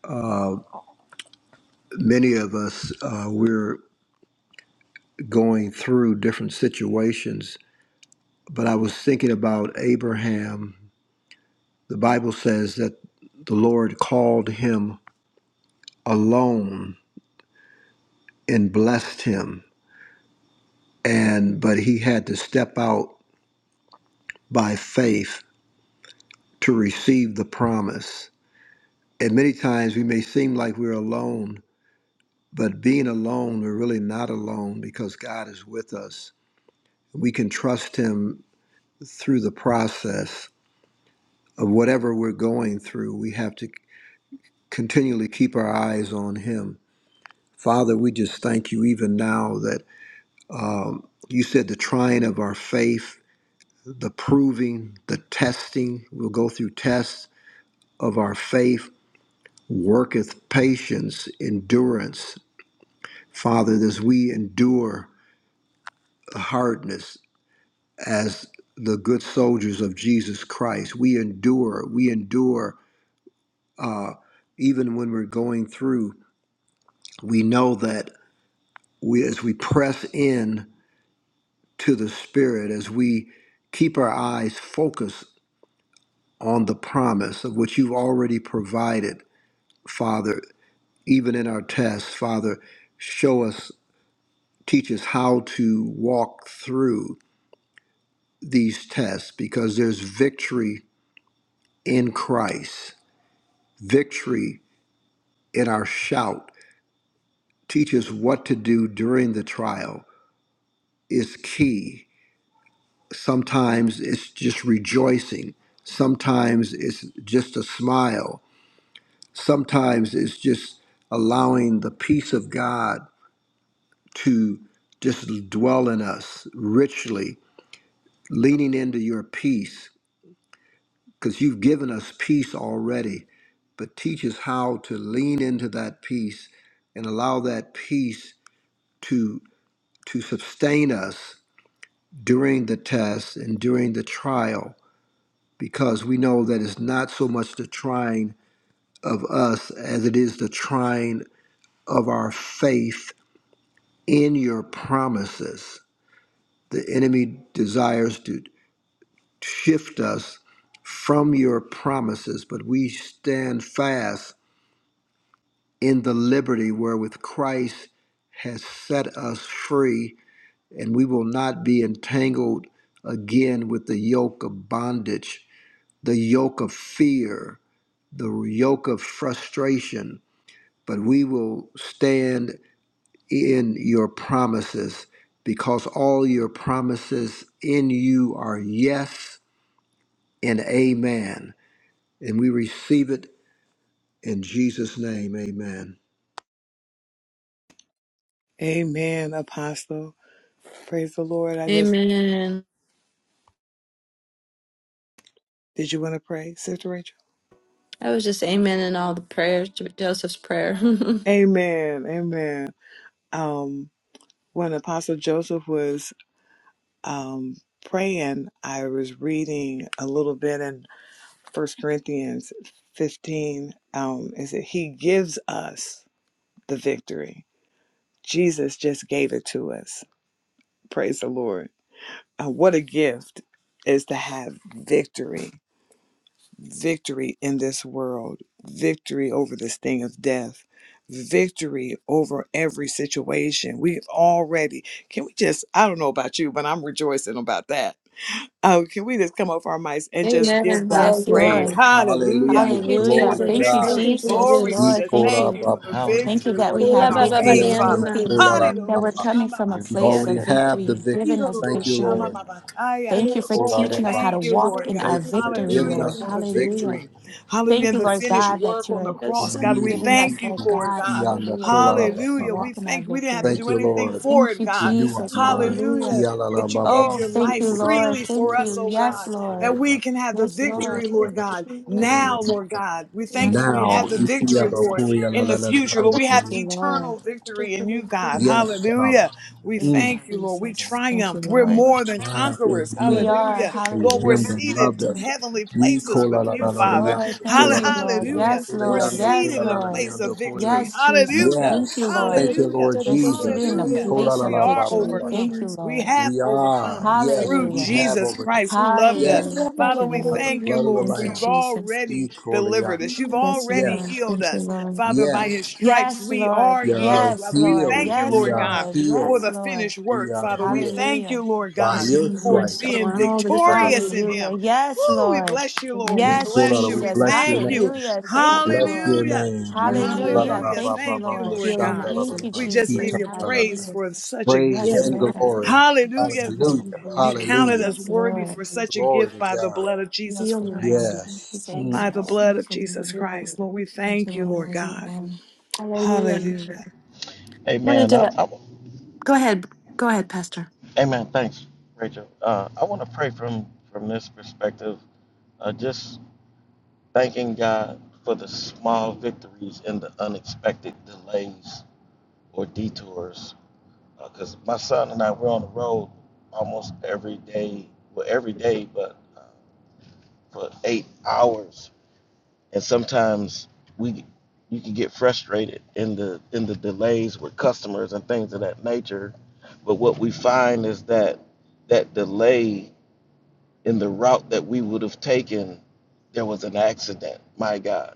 Speaker 5: uh, many of us uh, we're going through different situations, but I was thinking about Abraham The Bible says that the Lord called him alone and blessed him, and but he had to step out by faith to receive the promise. And many times we may seem like we're alone, but being alone, we're really not alone because God is with us. We can trust him through the process of whatever we're going through. We have to continually keep our eyes on him. Father, we just thank you even now that Um, you said the trying of our faith, the proving, the testing. We'll go through tests of our faith, worketh patience, endurance. Father, as we endure hardness as the good soldiers of Jesus Christ, we endure, we endure uh, even when we're going through. We know that we, as we press in to the Spirit, as we keep our eyes focused on the promise of what you've already provided, Father, even in our tests, Father, show us, teach us how to walk through these tests because there's victory in Christ, victory in our shout. Teach us what to do during the trial is key. Sometimes it's just rejoicing, sometimes it's just a smile, sometimes it's just allowing the peace of God to just dwell in us richly, leaning into your peace, because you've given us peace already. But teach us how to lean into that peace and allow that peace to, to sustain us during the test and during the trial, because we know that it's not so much the trying of us as it is the trying of our faith in your promises. The enemy desires to shift us from your promises, but we stand fast in the liberty wherewith Christ has set us free, and we will not be entangled again with the yoke of bondage, the yoke of fear, the yoke of frustration, but we will stand in your promises because all your promises in you are yes and amen. And we receive it In Jesus' name, amen.
Speaker 1: Amen, Apostle. Praise the Lord. I just
Speaker 2: Amen.
Speaker 1: did you want to pray, Sister Rachel?
Speaker 2: I was just amen in all the prayers to Joseph's prayer.
Speaker 1: Amen. Amen. Um, when Apostle Joseph was um praying, I was reading a little bit in First Corinthians fifteen. Um, is that he gives us the victory. Jesus just gave it to us. Praise the Lord. Uh, what a gift is to have victory, victory in this world, victory over this thing of death, victory over every situation. We've already, can we just, I don't know about you, but I'm rejoicing about that. Oh, can we just come off our mics and just give God
Speaker 6: Yes,
Speaker 1: praise?
Speaker 5: Lord.
Speaker 6: Lord.
Speaker 1: Hallelujah.
Speaker 5: Hallelujah.
Speaker 1: For
Speaker 6: Hallelujah.
Speaker 5: Glory
Speaker 1: the
Speaker 5: to
Speaker 6: Thank you,
Speaker 5: God.
Speaker 1: victory.
Speaker 6: Jesus.
Speaker 1: Glory. We
Speaker 5: We
Speaker 6: Lord,
Speaker 1: just
Speaker 6: thank you.
Speaker 1: thank you for the
Speaker 6: Thank you
Speaker 1: victory,
Speaker 6: that
Speaker 1: Lord.
Speaker 6: we
Speaker 1: Even
Speaker 6: have
Speaker 1: our faith,
Speaker 6: victory. Thank
Speaker 1: Father.
Speaker 6: you that
Speaker 1: Hallelujah.
Speaker 6: we're coming
Speaker 1: Shama
Speaker 6: from a place
Speaker 5: already
Speaker 6: of
Speaker 1: masidididike.
Speaker 6: victory.
Speaker 5: have the
Speaker 6: You've
Speaker 5: victory.
Speaker 6: given us
Speaker 1: Hirororo
Speaker 5: Thank you,
Speaker 1: shama
Speaker 6: victory.
Speaker 5: Lord.
Speaker 1: mabakaya.
Speaker 5: Thank
Speaker 6: Thank you for
Speaker 1: Lord, we
Speaker 6: teaching
Speaker 5: you
Speaker 6: us how to
Speaker 1: thank you,
Speaker 6: walk
Speaker 1: Lord
Speaker 6: in our
Speaker 1: God.
Speaker 5: for
Speaker 6: victory,
Speaker 5: giving
Speaker 1: Hallelujah
Speaker 6: Lord.
Speaker 5: us
Speaker 1: for
Speaker 5: the
Speaker 1: the
Speaker 6: Hallelujah.
Speaker 5: victory.
Speaker 1: victory. Hallelujah.
Speaker 6: Thank
Speaker 1: And
Speaker 6: you,
Speaker 1: the
Speaker 6: Lord
Speaker 1: finished
Speaker 5: Victory
Speaker 6: God, that
Speaker 1: work on the
Speaker 6: you're
Speaker 1: cross,
Speaker 5: in
Speaker 1: God. We
Speaker 5: you.
Speaker 6: giving us,
Speaker 1: thank you
Speaker 6: Lord
Speaker 1: for it,
Speaker 6: God,
Speaker 1: God.
Speaker 6: hallelujah, knowledge to
Speaker 1: Hallelujah.
Speaker 6: walk
Speaker 1: We
Speaker 6: in our
Speaker 1: thank you. We didn't have
Speaker 6: victory.
Speaker 1: to
Speaker 5: Thank
Speaker 1: do
Speaker 5: you,
Speaker 1: anything
Speaker 5: Lord.
Speaker 1: for
Speaker 6: Thank
Speaker 1: it,
Speaker 6: you,
Speaker 1: God.
Speaker 5: Renew our
Speaker 6: Jesus.
Speaker 5: mind.
Speaker 6: Hallelujah.
Speaker 1: Hallelujah that you gave
Speaker 6: Oh,
Speaker 1: your
Speaker 6: thank
Speaker 1: life
Speaker 6: you, Lord.
Speaker 1: freely for
Speaker 6: Thank
Speaker 1: us,
Speaker 6: you.
Speaker 1: oh
Speaker 6: Yes,
Speaker 1: God, that
Speaker 6: Lord.
Speaker 1: we can have the
Speaker 6: Yes, Lord.
Speaker 1: victory, Lord God,
Speaker 6: Yes, Lord.
Speaker 1: now, Lord God. We thank you
Speaker 6: Yes,
Speaker 1: that we
Speaker 6: Lord.
Speaker 5: Now,
Speaker 1: have the
Speaker 6: Thank you,
Speaker 1: victory,
Speaker 5: Ikiado
Speaker 1: Lord,
Speaker 6: Jesus.
Speaker 5: Kuya la
Speaker 1: in
Speaker 5: la
Speaker 1: the
Speaker 5: la la
Speaker 1: future, Lord.
Speaker 5: la
Speaker 1: We
Speaker 6: Thank
Speaker 1: have
Speaker 5: Kuya.
Speaker 6: you, Lord.
Speaker 1: eternal victory in you, God.
Speaker 6: Mm.
Speaker 5: yes, Father,
Speaker 1: Hallelujah. We
Speaker 6: Thank you,
Speaker 5: mm,
Speaker 1: thank you, Lord. We
Speaker 6: Jesus. Thank you,
Speaker 1: triumphed. We're
Speaker 6: Lord.
Speaker 1: more than
Speaker 5: triumph
Speaker 1: conquerors.
Speaker 5: in
Speaker 6: We
Speaker 5: you
Speaker 6: are.
Speaker 1: Hallelujah.
Speaker 5: through
Speaker 1: Lord, we're
Speaker 5: him
Speaker 6: Hallelujah.
Speaker 5: that
Speaker 1: seated
Speaker 5: loved
Speaker 1: in
Speaker 5: us.
Speaker 1: heavenly
Speaker 5: Ye
Speaker 1: places
Speaker 5: kola
Speaker 1: with
Speaker 5: la
Speaker 1: you,
Speaker 5: la la
Speaker 6: Yes,
Speaker 5: la
Speaker 1: Father.
Speaker 6: Lord.
Speaker 5: yando,
Speaker 1: Hall-
Speaker 5: kola
Speaker 6: Thank you,
Speaker 5: la la
Speaker 6: Lord.
Speaker 5: yando,
Speaker 1: Hallelujah.
Speaker 6: Yes,
Speaker 5: kola
Speaker 1: We're
Speaker 6: Lord.
Speaker 5: yando,
Speaker 6: Yes,
Speaker 1: seated
Speaker 5: kola
Speaker 1: in a
Speaker 5: la la
Speaker 6: Lord.
Speaker 1: place of
Speaker 5: yando, kola yando.
Speaker 1: victory.
Speaker 6: Yes, Jesus.
Speaker 1: Hallelujah.
Speaker 6: Thank you,
Speaker 5: Yes,
Speaker 6: Lord.
Speaker 5: thank you,
Speaker 1: Hallelujah.
Speaker 5: Lord
Speaker 6: We're seated
Speaker 5: Jesus.
Speaker 6: in a
Speaker 5: E
Speaker 1: Hallelujah.
Speaker 5: kola
Speaker 6: place
Speaker 5: la
Speaker 6: of
Speaker 1: We
Speaker 5: la
Speaker 1: are
Speaker 5: ba ba
Speaker 6: victory.
Speaker 5: ba sha.
Speaker 6: Thank you,
Speaker 1: overcomers. We
Speaker 6: Lord.
Speaker 1: have
Speaker 5: We
Speaker 1: overcome
Speaker 5: are, yes,
Speaker 1: through
Speaker 5: we
Speaker 6: Hallelujah.
Speaker 5: have
Speaker 1: Jesus
Speaker 5: overcome.
Speaker 1: Christ who loved us.
Speaker 6: Hallelujah.
Speaker 5: Yes,
Speaker 6: Thank
Speaker 1: Father,
Speaker 6: you,
Speaker 1: we
Speaker 5: by
Speaker 6: Lord.
Speaker 5: the
Speaker 1: thank you,
Speaker 5: blood of the
Speaker 1: Lord,
Speaker 6: Thank
Speaker 1: for
Speaker 6: you,
Speaker 1: you've
Speaker 5: Lamb.
Speaker 6: Jesus.
Speaker 5: E
Speaker 1: already
Speaker 5: kola
Speaker 1: delivered
Speaker 5: yando.
Speaker 1: us. You've
Speaker 6: Yes,
Speaker 1: already
Speaker 6: Lord.
Speaker 5: Yes,
Speaker 1: healed
Speaker 6: Thank you,
Speaker 1: us.
Speaker 6: Lord.
Speaker 1: Father, by his
Speaker 5: yes,
Speaker 1: stripes,
Speaker 6: Yes,
Speaker 1: we
Speaker 6: Lord.
Speaker 1: are
Speaker 5: we
Speaker 1: healed.
Speaker 5: are
Speaker 6: Yes,
Speaker 1: Lord, we
Speaker 6: Lord.
Speaker 1: thank
Speaker 5: healed.
Speaker 1: you,
Speaker 6: Yes,
Speaker 5: We
Speaker 1: Lord
Speaker 5: are
Speaker 1: God,
Speaker 6: Lord.
Speaker 1: for
Speaker 5: healed.
Speaker 6: Yes,
Speaker 1: the
Speaker 6: Lord.
Speaker 1: finished
Speaker 5: We
Speaker 1: work.
Speaker 5: are
Speaker 1: Father, we
Speaker 5: healed
Speaker 1: thank you,
Speaker 6: Hallelujah.
Speaker 1: Lord
Speaker 5: by
Speaker 1: God,
Speaker 6: Thank
Speaker 5: your
Speaker 6: you,
Speaker 1: for
Speaker 6: Lord.
Speaker 5: stripes.
Speaker 1: being
Speaker 5: We call out
Speaker 1: victorious in
Speaker 6: Hallelujah.
Speaker 1: him.
Speaker 6: Yes,
Speaker 1: Woo, we
Speaker 6: Lord.
Speaker 1: bless you, Lord. We
Speaker 5: we
Speaker 6: Yes,
Speaker 1: bless you. We
Speaker 6: Jesus.
Speaker 5: bless your
Speaker 1: thank
Speaker 5: name.
Speaker 1: you.
Speaker 6: Hallelujah. Thank you,
Speaker 5: Bless
Speaker 6: Lord.
Speaker 5: your
Speaker 1: Hallelujah.
Speaker 5: name. We call out
Speaker 6: Hallelujah.
Speaker 1: Hallelujah.
Speaker 5: ba- ba-
Speaker 6: Thank you,
Speaker 1: Thank
Speaker 5: ba-
Speaker 1: you,
Speaker 6: Lord.
Speaker 5: ba-
Speaker 1: Lord God.
Speaker 5: shanda- la- la-
Speaker 6: Thank
Speaker 5: la-
Speaker 6: you,
Speaker 1: We
Speaker 5: la-
Speaker 1: just give
Speaker 5: kita-
Speaker 6: Jesus.
Speaker 1: you
Speaker 5: la- la-
Speaker 1: praise
Speaker 5: la.
Speaker 6: Hallelujah.
Speaker 1: for such a
Speaker 5: Praise
Speaker 6: Yes,
Speaker 1: gift.
Speaker 5: and
Speaker 6: Lord.
Speaker 5: glory.
Speaker 1: Hallelujah. That
Speaker 6: Mm.
Speaker 5: Hallelujah.
Speaker 1: you counted
Speaker 5: Hallelujah.
Speaker 1: us
Speaker 6: Yes,
Speaker 1: worthy
Speaker 6: Lord.
Speaker 1: for such a
Speaker 5: Glory
Speaker 1: gift
Speaker 5: to
Speaker 1: by the
Speaker 5: God.
Speaker 1: blood of Jesus
Speaker 6: Yes, Lord.
Speaker 1: Christ.
Speaker 6: Thank you,
Speaker 5: Yes. Mm.
Speaker 6: Jesus.
Speaker 1: By the
Speaker 6: Thank
Speaker 1: blood of
Speaker 6: you,
Speaker 1: Jesus
Speaker 6: Lord.
Speaker 1: Christ. Lord, we
Speaker 6: Thank you,
Speaker 1: thank you, Lord
Speaker 6: Lord.
Speaker 1: God.
Speaker 6: Amen.
Speaker 1: Hallelujah.
Speaker 4: Amen. I, I,
Speaker 2: Go ahead. Go ahead, Pastor.
Speaker 4: amen. Thanks, Rachel. Uh, I want to pray from from this perspective, uh, just thanking God for the small victories and the unexpected delays or detours because uh, my son and I we're on the road almost every day. Well, every day, but uh, for eight hours, and sometimes we you can get frustrated in the in the delays with customers and things of that nature. But what we find is that that delay in the route that we would have taken, there was an accident. My God,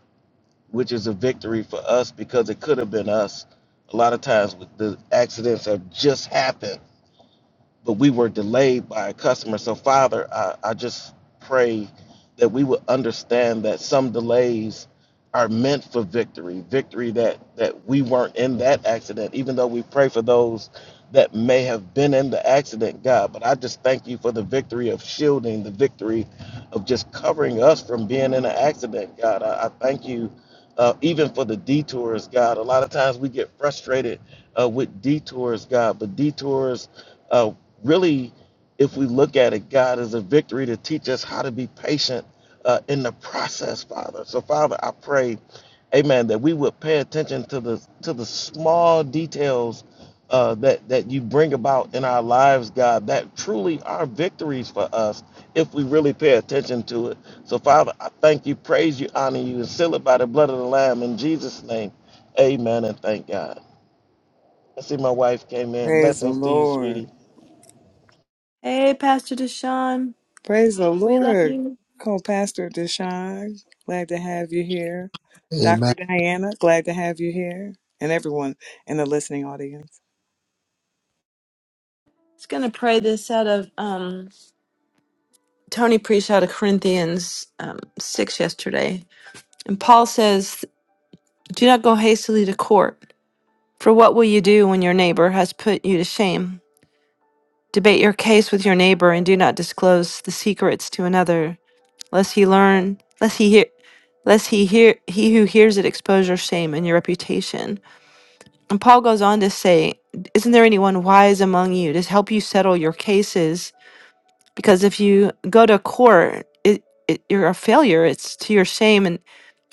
Speaker 4: which is a victory for us because it could have been us. A lot of times, the accidents have just happened but we were delayed by a customer. So, Father, I, I just pray that we would understand that some delays are meant for victory, victory that, that we weren't in that accident, even though we pray for those that may have been in the accident, God. But I just thank you for the victory of shielding, the victory of just covering us from being in an accident, God. I, I thank you. Uh, even for the detours, God. A lot of times we get frustrated uh, with detours, God, but detours uh, really, if we look at it, God is a victory to teach us how to be patient uh, in the process, Father. So, Father, I pray, Amen, that we would pay attention to the to the small details uh, that that you bring about in our lives, God. That truly are victories for us if we really pay attention to it. So, Father, I thank you, praise you, honor you, and seal it by the blood of the Lamb in Jesus' name. Amen and thank God. I see my wife came in.
Speaker 1: Praise the
Speaker 4: Blessings to you,
Speaker 1: Lord.
Speaker 4: sweetie.
Speaker 2: hey, Pastor Deshaun.
Speaker 1: Praise the
Speaker 2: We love you.
Speaker 1: Lord, co pastor Deshaun. Glad to have you here. Dr.
Speaker 5: Amen.
Speaker 1: Diana, glad to have you here. And everyone in the listening audience.
Speaker 2: It's gonna pray this out of um Tony preached out of Corinthians um six yesterday. And Paul says, Do not go hastily to court, for what will you do when your neighbor has put you to shame? Debate your case with your neighbor and do not disclose the secrets to another, lest he learn lest he hear lest he hear he who hears it expose your shame and your reputation. And Paul goes on to say, Isn't there anyone wise among you to help you settle your cases? Because if you go to court, it, it, you're a failure. It's to your shame. And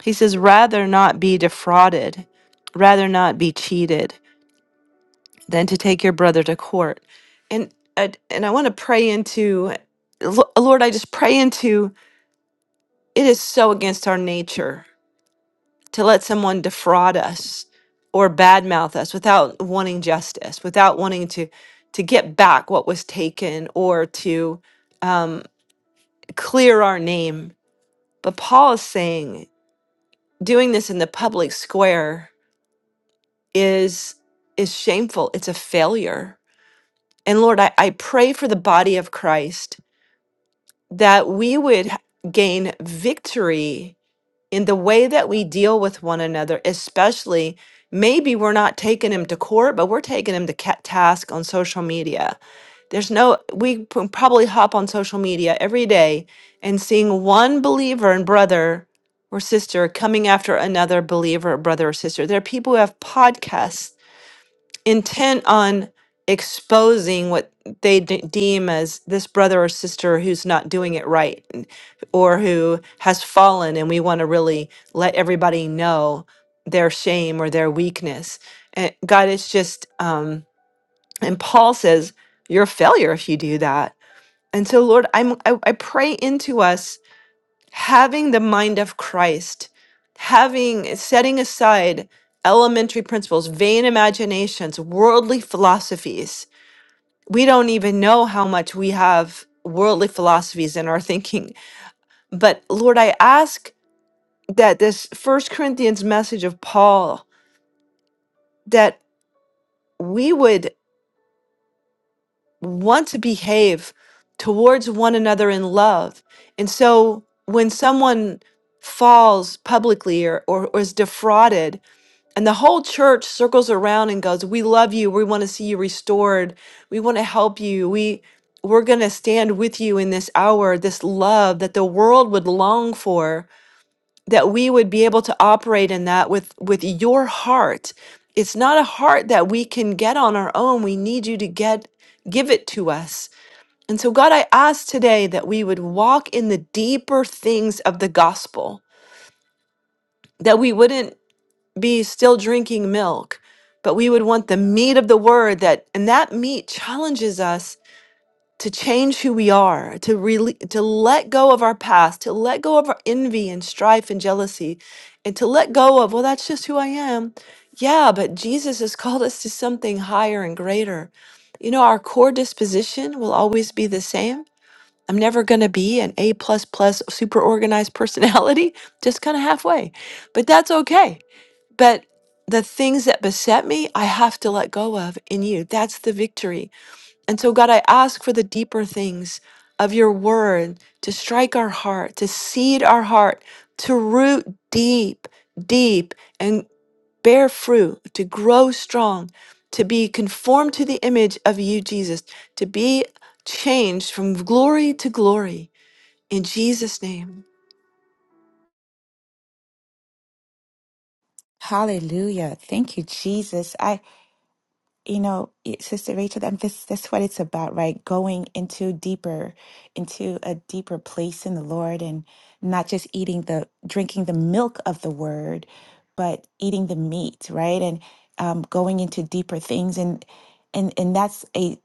Speaker 2: he says, Rather not be defrauded, rather not be cheated than to take your brother to court. And, I- and I want to pray into, Lo- Lord, I just pray into it is so against our nature to let someone defraud us or badmouth us without wanting justice, without wanting to to get back what was taken or to um, clear our name. But Paul is saying doing this in the public square is is shameful. It's a failure. And Lord, I, I pray for the body of Christ that we would gain victory in the way that we deal with one another, especially maybe we're not taking him to court, but we're taking him to ca- task on social media. There's no, we p- probably hop on social media every day and seeing one believer and brother or sister coming after another believer, brother or sister. There are people who have podcasts intent on exposing what they de- deem as this brother or sister who's not doing it right and- or who has fallen and we want to really let everybody know their shame or their weakness and god it's just um and paul says you're a failure if you do that and so lord i'm i, I pray into us having the mind of Christ, having setting aside elementary principles, vain imaginations, worldly philosophies. We don't even know how much we have worldly philosophies in our thinking. But Lord, I ask that this First Corinthians message of Paul that we would want to behave towards one another in love. And so when someone falls publicly or, or, or is defrauded, And the whole church circles around and goes, "We love you. We want to see you restored. We want to help you. We we're going to stand with you in this hour, this love that the world would long for, that we would be able to operate in that with with your heart. It's not a heart that we can get on our own. We need you to get give it to us. And so God, I ask today that we would walk in the deeper things of the gospel, that we wouldn't be still drinking milk, but we would want the meat of the word that and that meat challenges us to change who we are, to really to let go of our past, to let go of our envy and strife and jealousy, and to let go of, well, that's just who I am. Yeah, but Jesus has called us to something higher and greater. You know, our core disposition will always be the same. I'm never gonna be an A plus plus super organized personality, just kind of halfway. But that's okay but the things that beset me, I have to let go of in you. That's the victory. And so, God, I ask for the deeper things of your word to strike our heart, to seed our heart, to root deep, deep, and bear fruit, to grow strong, to be conformed to the image of you, Jesus, to be changed from glory to glory. In Jesus' name.
Speaker 6: Hallelujah. Thank you, Jesus. I you know, it- Sister Rachel, and this that's what it's about, right? Going into deeper, into a deeper place in the Lord, and not just eating the drinking the milk of the Word, but eating the meat, right? And um, going into deeper things, and and and that's a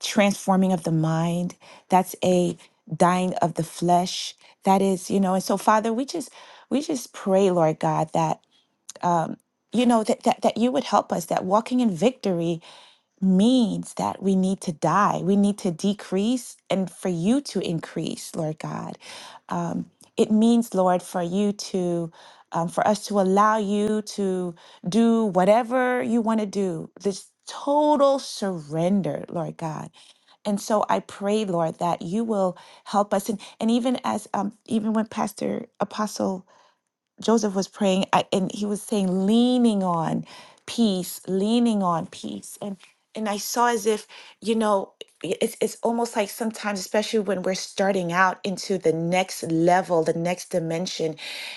Speaker 6: transforming of the mind. That's a dying of the flesh. That is, you know. And so, Father, we just we just pray, Lord God, that um, you know that that that you would help us that walking in victory means that we need to die. We need to decrease and for you to increase, Lord God. Um, it means, Lord, for you to, um, for us to allow you to do whatever you want to do. This total surrender, Lord God. And so I pray, Lord, that you will help us. And, and even as, um, even when Pastor Apostle Joseph was praying I, and he was saying leaning on peace, leaning on peace. And and I saw as if, you know, i- it's it's almost like sometimes, especially when we're starting out into the next level, the next dimension,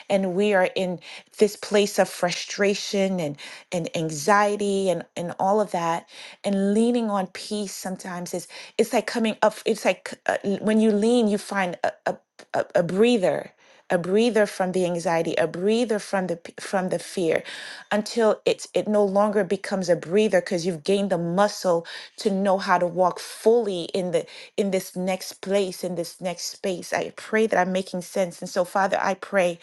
Speaker 6: and we are in this place of frustration and and anxiety and and all of that, and leaning on peace sometimes is it's like coming up it's like uh, when you lean you find a, a, a a breather a breather from the anxiety a breather from the p- from the fear until it's it no longer becomes a breather because you've gained the muscle to know how to walk fully in the in this next place in this next space i pray that i'm making sense and so father i pray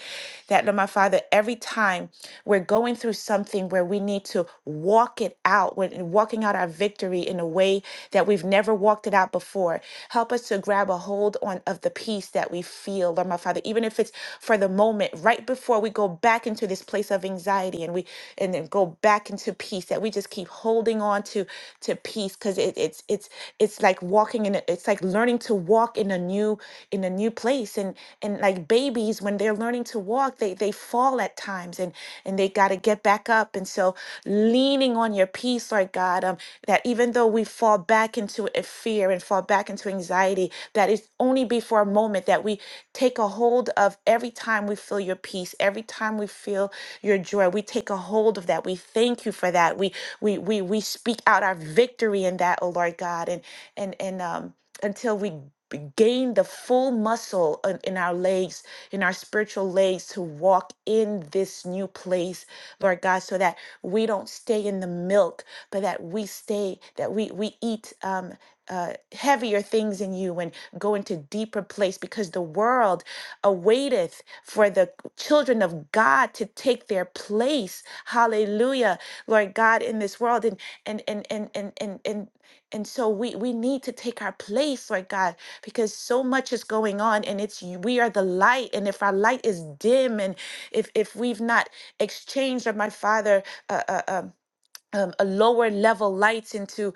Speaker 6: that lord my father every time we're going through something where we need to walk it out when walking out our victory in a way way that we've never walked it out before. Help us to grab a hold on of the peace that we feel, Lord my Father, even if it's for the moment, right before we go back into this place of anxiety and we and then go back into peace, that we just keep holding on to to peace because it, it's it's it's like walking in a, it's like learning to walk in a new in a new place and and like babies when they're learning to walk they they fall at times and and they got to get back up and so leaning on your peace lord god um, that even though we fall back into a fear and fall back into anxiety, that it's only be for a moment that we take a hold of every time we feel your peace, every time we feel your joy. We take a hold of that. We thank you for that. We we we we speak out our victory in that, oh Lord God, and and and um until we b- gain the full muscle in, in our legs, in our spiritual legs to walk in this new place, Lord God, so that we don't stay in the milk but that we stay, that we we eat um, uh, heavier things in you and go into deeper place because the world awaiteth for the children of God to take their place. Hallelujah, Lord God, in this world, and and and and and and and. And so we, we need to take our place, Lord God, because so much is going on and it's you- we are the light. And if our light is dim and if if we've not exchanged, or my father, uh, uh, um um, a lower level lights into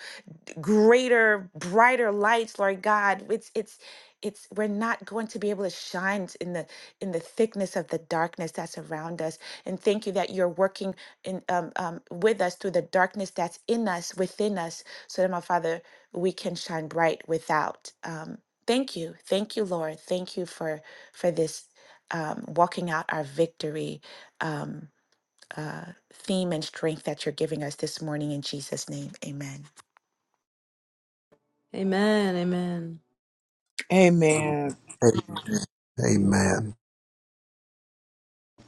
Speaker 6: greater brighter lights lord god it's it's it's we're not going to be able to shine in the in the thickness of the darkness that's around us and thank you that you're working in um, um, with us through the darkness that's in us within us so that my father we can shine bright without um, thank you thank you lord thank you for for this um, walking out our victory Um, uh, theme and strength that you're giving us this morning in Jesus' name. Amen.
Speaker 1: Amen.
Speaker 5: Amen.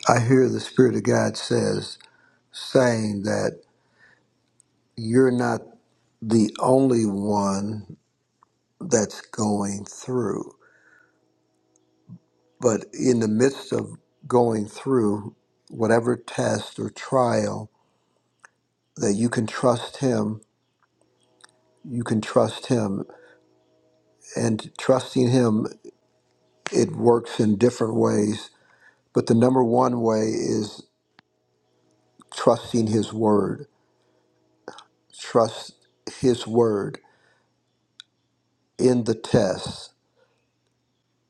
Speaker 5: I hear the Spirit of God says, saying that you're not the only one that's going through. But in the midst of going through whatever test or trial, that you can trust Him, you can trust Him. And trusting Him, it works in different ways. But the number one way is trusting His Word. Trust His Word in the test,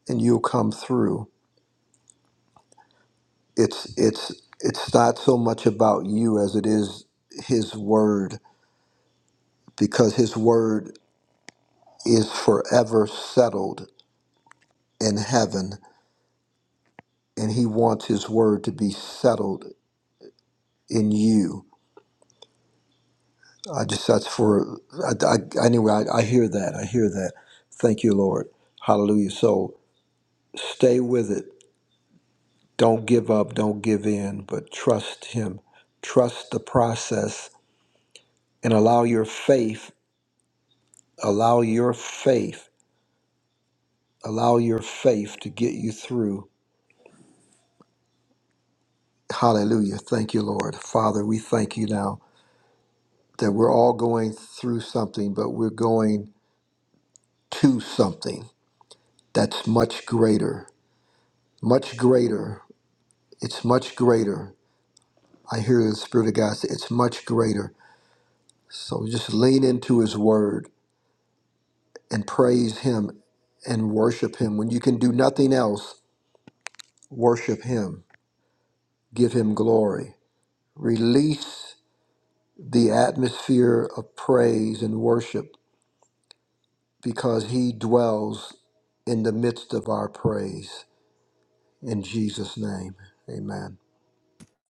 Speaker 5: and you'll come through. It's, it's, it's not so much about you as it is His Word, because His Word is forever settled in heaven, and He wants His word to be settled in you. I just that's for I, I, anyway. I, I hear that. I hear that. Thank you, Lord. Hallelujah. So stay with it. Don't give up. Don't give in. But trust Him. Trust the process and allow your faith. Allow your faith. Allow your faith to get you through. Hallelujah. Thank you, Lord. Father, we thank you now that we're all going through something, but we're going to something that's much greater, much greater. It's much greater. I hear the Spirit of God say, it's much greater. So just lean into His Word and praise Him and worship Him. When you can do nothing else, worship Him, give Him glory. Release the atmosphere of praise and worship because He dwells in the midst of our praise. In Jesus' name, amen.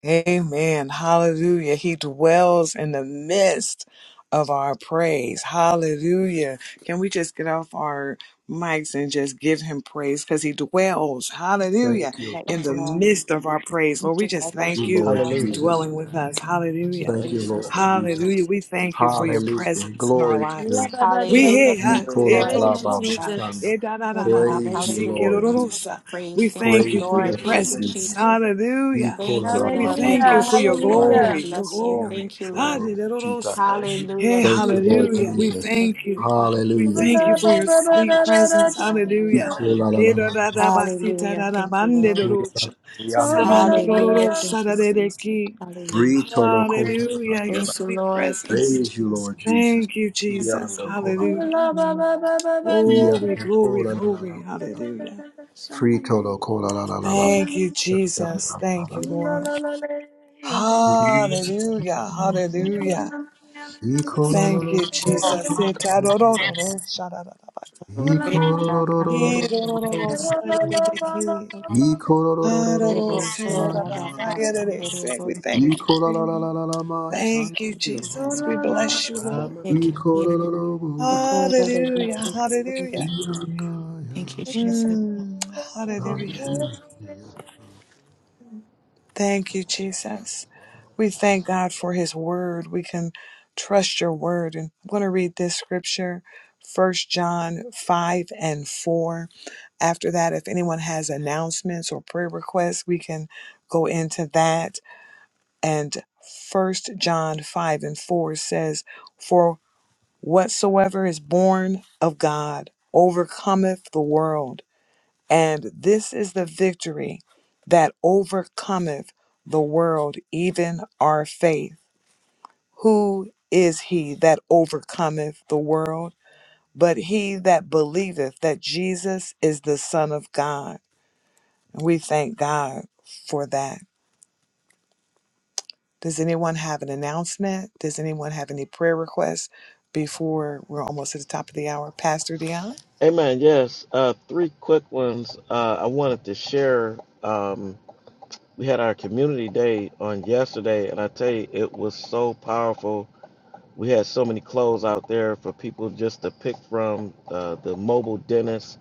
Speaker 1: Amen. Hallelujah. He dwells in the midst of our praise. Hallelujah. Can we just get off our mics and just give him praise because he dwells,
Speaker 5: Thank
Speaker 1: hallelujah,
Speaker 5: you,
Speaker 6: That you
Speaker 1: in the
Speaker 6: dwell,
Speaker 1: midst of our praise.
Speaker 6: you
Speaker 1: Lord, we just
Speaker 6: dwell, that
Speaker 1: thank
Speaker 6: you
Speaker 1: you
Speaker 5: Lord
Speaker 6: dwell.
Speaker 1: for
Speaker 4: Hallelujah.
Speaker 6: Thank you.
Speaker 5: Jesus.
Speaker 1: dwelling with us.
Speaker 6: Thank you,
Speaker 1: Hallelujah.
Speaker 5: Thank
Speaker 4: Thank
Speaker 5: you,
Speaker 4: you,
Speaker 5: Lord
Speaker 6: Jesus. Thank
Speaker 4: Father.
Speaker 6: you,
Speaker 5: Jesus.
Speaker 1: Hallelujah. We
Speaker 6: Jesus. Thank
Speaker 1: thank you
Speaker 6: you,
Speaker 1: for your
Speaker 6: Jesus.
Speaker 5: Hallelujah.
Speaker 1: presence in our
Speaker 5: Glory to your
Speaker 1: lives.
Speaker 5: name.
Speaker 1: We
Speaker 6: Hallelujah.
Speaker 1: hear, huh?
Speaker 5: You
Speaker 6: Thank you,
Speaker 5: call
Speaker 1: Eh,
Speaker 5: out
Speaker 6: Lord. Thank
Speaker 1: toro
Speaker 6: you,
Speaker 5: Alabama,
Speaker 1: bosha.
Speaker 6: Lord.
Speaker 5: Shanda.
Speaker 1: Eh, da, da,
Speaker 6: Oh
Speaker 1: da, da, da,
Speaker 6: God.
Speaker 5: Praise you,
Speaker 1: bosi,
Speaker 6: Hallelujah. In the
Speaker 5: Lord
Speaker 6: midst
Speaker 5: Jesus.
Speaker 6: of our
Speaker 1: kerorosa. we
Speaker 6: praise. Thank you,
Speaker 1: thank you
Speaker 5: Praise
Speaker 1: for
Speaker 5: you,
Speaker 6: Lord.
Speaker 1: your
Speaker 6: Thank
Speaker 5: Lord
Speaker 6: you,
Speaker 1: presence.
Speaker 5: Jesus.
Speaker 6: Jesus.
Speaker 5: You
Speaker 1: Hallelujah.
Speaker 5: call
Speaker 6: Thank you,
Speaker 5: out
Speaker 1: We
Speaker 6: Lord.
Speaker 5: Alabama,
Speaker 6: We
Speaker 1: thank you for
Speaker 6: bless
Speaker 1: your
Speaker 6: you, Lord. We
Speaker 5: Shanda,
Speaker 1: glory, your
Speaker 6: bless you.
Speaker 5: Yanda,
Speaker 1: glory.
Speaker 6: Thank you, Lord.
Speaker 5: Rororo, Chita.
Speaker 1: Adidodosa.
Speaker 4: Thank you, Father.
Speaker 6: Hallelujah.
Speaker 1: Hey,
Speaker 5: Thank
Speaker 6: Thank
Speaker 5: you, Lord
Speaker 1: hallelujah. We
Speaker 6: you, Lord. Thank
Speaker 5: Jesus.
Speaker 1: thank you.
Speaker 6: you,
Speaker 1: We
Speaker 5: Hallelujah.
Speaker 1: thank you for your
Speaker 6: Lord. Thank you,
Speaker 1: sweet
Speaker 6: Jesus.
Speaker 1: presence.
Speaker 5: You
Speaker 6: Hallelujah.
Speaker 1: Hallelujah.
Speaker 5: call out Alabama,
Speaker 6: Hallelujah. Thank you, Lord.
Speaker 5: Shanda,
Speaker 1: Kedadadabasitadadabandedodocha.
Speaker 5: Yanda, rororo.
Speaker 6: Hallelujah. Thank you, Jesus.
Speaker 1: Sabandododosadadedeki.
Speaker 6: Hallelujah.
Speaker 5: Brito, Lo, call
Speaker 1: Hallelujah. Your
Speaker 5: Alabama.
Speaker 6: Thank you,
Speaker 1: sweet
Speaker 6: Lord. Thank you,
Speaker 1: presence.
Speaker 5: Praise you,
Speaker 6: Jesus.
Speaker 5: Lord Jesus.
Speaker 1: Thank you, Jesus.
Speaker 5: Yanda, call out,
Speaker 6: Hallelujah.
Speaker 1: Hallelujah.
Speaker 6: Mm.
Speaker 1: Glory,
Speaker 5: Yanda,
Speaker 1: glory,
Speaker 5: call out, Alabama.
Speaker 1: glory. Hallelujah.
Speaker 5: Prito, Lo, call Alabama.
Speaker 1: Thank you, Jesus. Thank you, Lord.
Speaker 5: Ikororororo,
Speaker 1: Hallelujah. Hallelujah. Thank you, Jesus. Itarorororo, sharararaba.
Speaker 6: Praise God.
Speaker 5: ikorororororo,
Speaker 6: Hallelujah.
Speaker 1: Irorororo, sarereki.
Speaker 5: ikorororororo
Speaker 1: Hararo,
Speaker 5: shana,
Speaker 1: sereraba,
Speaker 6: Hallelujah.
Speaker 1: hayerese. We thank you.
Speaker 5: ikorororororama shana,
Speaker 1: Thank you, Jesus. We bless you, Lord.
Speaker 6: Hallelujah.
Speaker 5: ikorororororo
Speaker 6: Have
Speaker 5: mashana, ikorororo,
Speaker 1: Hallelujah. Hallelujah.
Speaker 5: yanaya,
Speaker 1: Mm, hallelujah.
Speaker 5: hallelujah.
Speaker 1: Thank you, Jesus. We thank God for his word. We can trust your word. And I'm going to read this scripture, First John 5 and 4. After that, if anyone has announcements or prayer requests, we can go into that. And First John 5 and 4 says, For whatsoever is born of God overcometh the world. And this is the victory that overcometh the world, even our faith. Who is he that overcometh the world? But he that believeth that Jesus is the Son of God. And we thank God for that. Does anyone have an announcement? Does anyone have any prayer requests before we're almost at the top of the hour? Pastor Dion?
Speaker 4: Amen. Yes. Uh, three quick ones. Uh, I wanted to share. Um, we had our community day on yesterday, and I tell you, it was so powerful. We had so many clothes out there for people just to pick from. Uh, the mobile dentist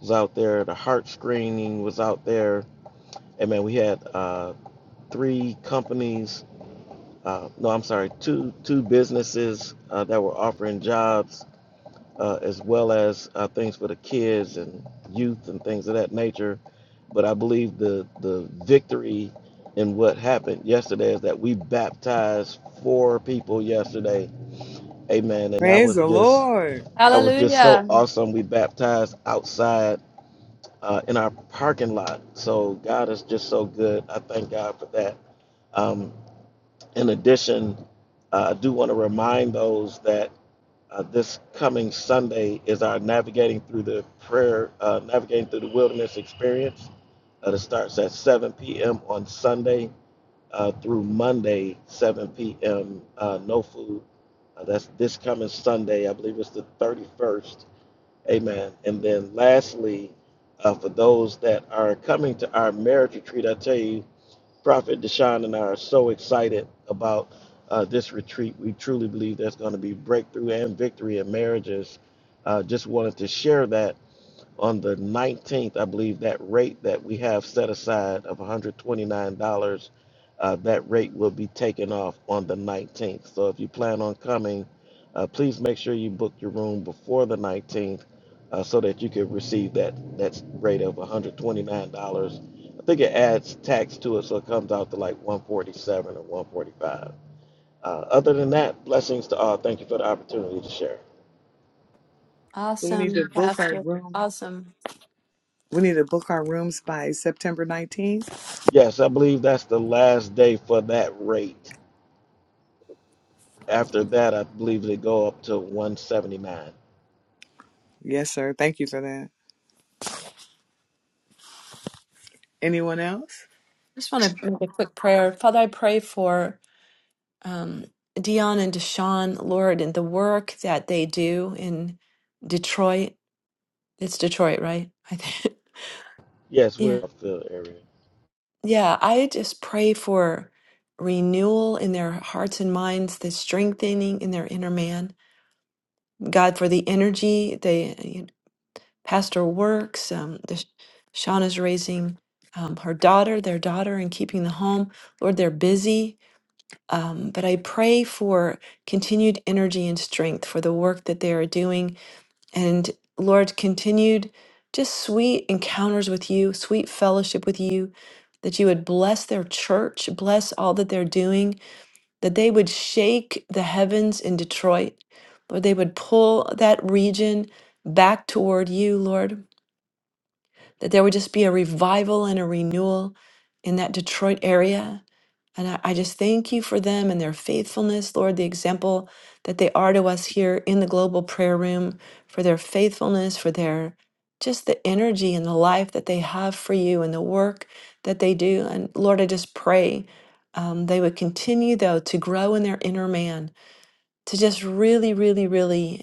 Speaker 4: was out there. The heart screening was out there. And man, we had uh, three companies. Uh, no, I'm sorry, two two businesses uh, that were offering jobs uh, as well as uh, things for the kids and youth and things of that nature. But I believe the the victory in what happened yesterday is that we baptized four people yesterday. Amen. And that
Speaker 1: Praise
Speaker 4: was
Speaker 1: the
Speaker 4: just
Speaker 1: Lord.
Speaker 4: that was just so awesome. We baptized outside uh, in our parking lot. So God is just so good. I thank God for that. Um, in addition, uh, I do want to remind those that. Uh, this coming Sunday is our navigating through the prayer, uh, navigating through the wilderness experience. Uh, that starts at 7 p.m. on Sunday uh, through Monday, 7 p.m. Uh, no food. Uh, that's this coming Sunday. I believe it's the 31st. Amen. And then lastly, uh, for those that are coming to our marriage retreat, I tell you, Prophet Deshaun and I are so excited about uh, this retreat. We truly believe there's going to be breakthrough and victory in marriages. Uh, just wanted to share that on the 19th, I believe that rate that we have set aside of $129, uh, that rate will be taken off on the 19th. So if you plan on coming, uh, please make sure you book your room before the 19th uh, so that you can receive that, that rate of $129. I think it adds tax to it, so it comes out to like 147 or 145. Uh, other than that, blessings to all. Thank you for the opportunity to share.
Speaker 1: So we
Speaker 2: Awesome.
Speaker 1: need to book our room.
Speaker 2: Awesome.
Speaker 1: We need to book our rooms by September 19th.
Speaker 4: Yes, I believe that's the last day for that rate. After that, I believe they go up to 179.
Speaker 1: Yes, sir. Thank you for that. Anyone else?
Speaker 2: I just want to make a quick prayer. Father, I pray for. um, Dion and Deshaun, Lord, and the work that they do in Detroit. It's Detroit, right? I think.
Speaker 4: Yes,
Speaker 2: Yeah.
Speaker 4: we're off the area.
Speaker 2: Yeah. I just pray for renewal in their hearts and minds, the strengthening in their inner man. God, for the energy they, you know, Pastor works, um, Deshaun is raising um, her daughter, their daughter, and keeping the home. Lord, they're busy Um, but I pray for continued energy and strength for the work that they are doing. And Lord, continued just sweet encounters with you, sweet fellowship with you, that you would bless their church, bless all that they're doing, that they would shake the heavens in Detroit. Lord, they would pull that region back toward you, Lord that there would just be a revival and a renewal in that Detroit area. And I, I just thank you for them and their faithfulness, Lord, the example that they are to us here in the global prayer room, for their faithfulness, for their just the energy and the life that they have for you and the work that they do. And Lord, I just pray um, they would continue, though, to grow in their inner man, to just really, really, really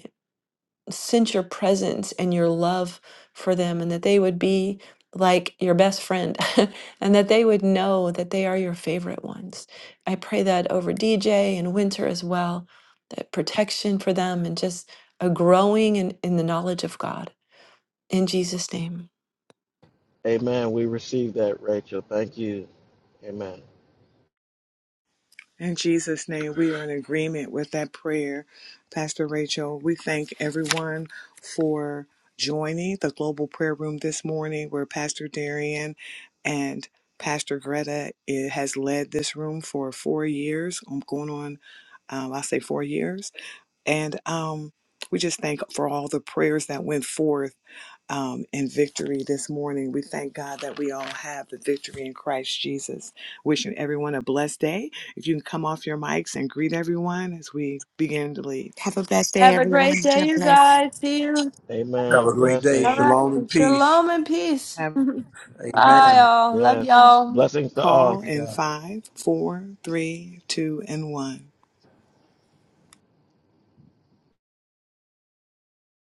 Speaker 2: sense your presence and your love for them, and that they would be like your best friend, and that they would know that they are your favorite ones. I pray that over DJ and Winter as well, that protection for them and just a growing in, in the knowledge of God. In Jesus' name.
Speaker 4: Amen. We received that, Rachel. Thank you. Amen.
Speaker 1: In Jesus' name, we are in agreement with that prayer. Pastor Rachel, we thank everyone for joining the Global Prayer Room this morning where Pastor Darian and Pastor Greta eh, has led this room for four years. I'm going on, um, i say four years and um, we just thank for all the prayers that went forth um, in victory this morning. We thank God that we all have the victory in Christ Jesus. Wishing everyone a blessed day. If you can come off your mics and greet everyone as we begin to leave.
Speaker 6: a blessed day, everyone. God bless.
Speaker 5: Have a
Speaker 4: Amen.
Speaker 5: great day.
Speaker 4: Blessings.
Speaker 5: Shalom and peace.
Speaker 1: Have a
Speaker 5: Amen.
Speaker 4: Yes. Blessings to all.
Speaker 5: Glory
Speaker 1: call
Speaker 5: to
Speaker 1: in
Speaker 5: God.
Speaker 1: five, four, three, two, and one.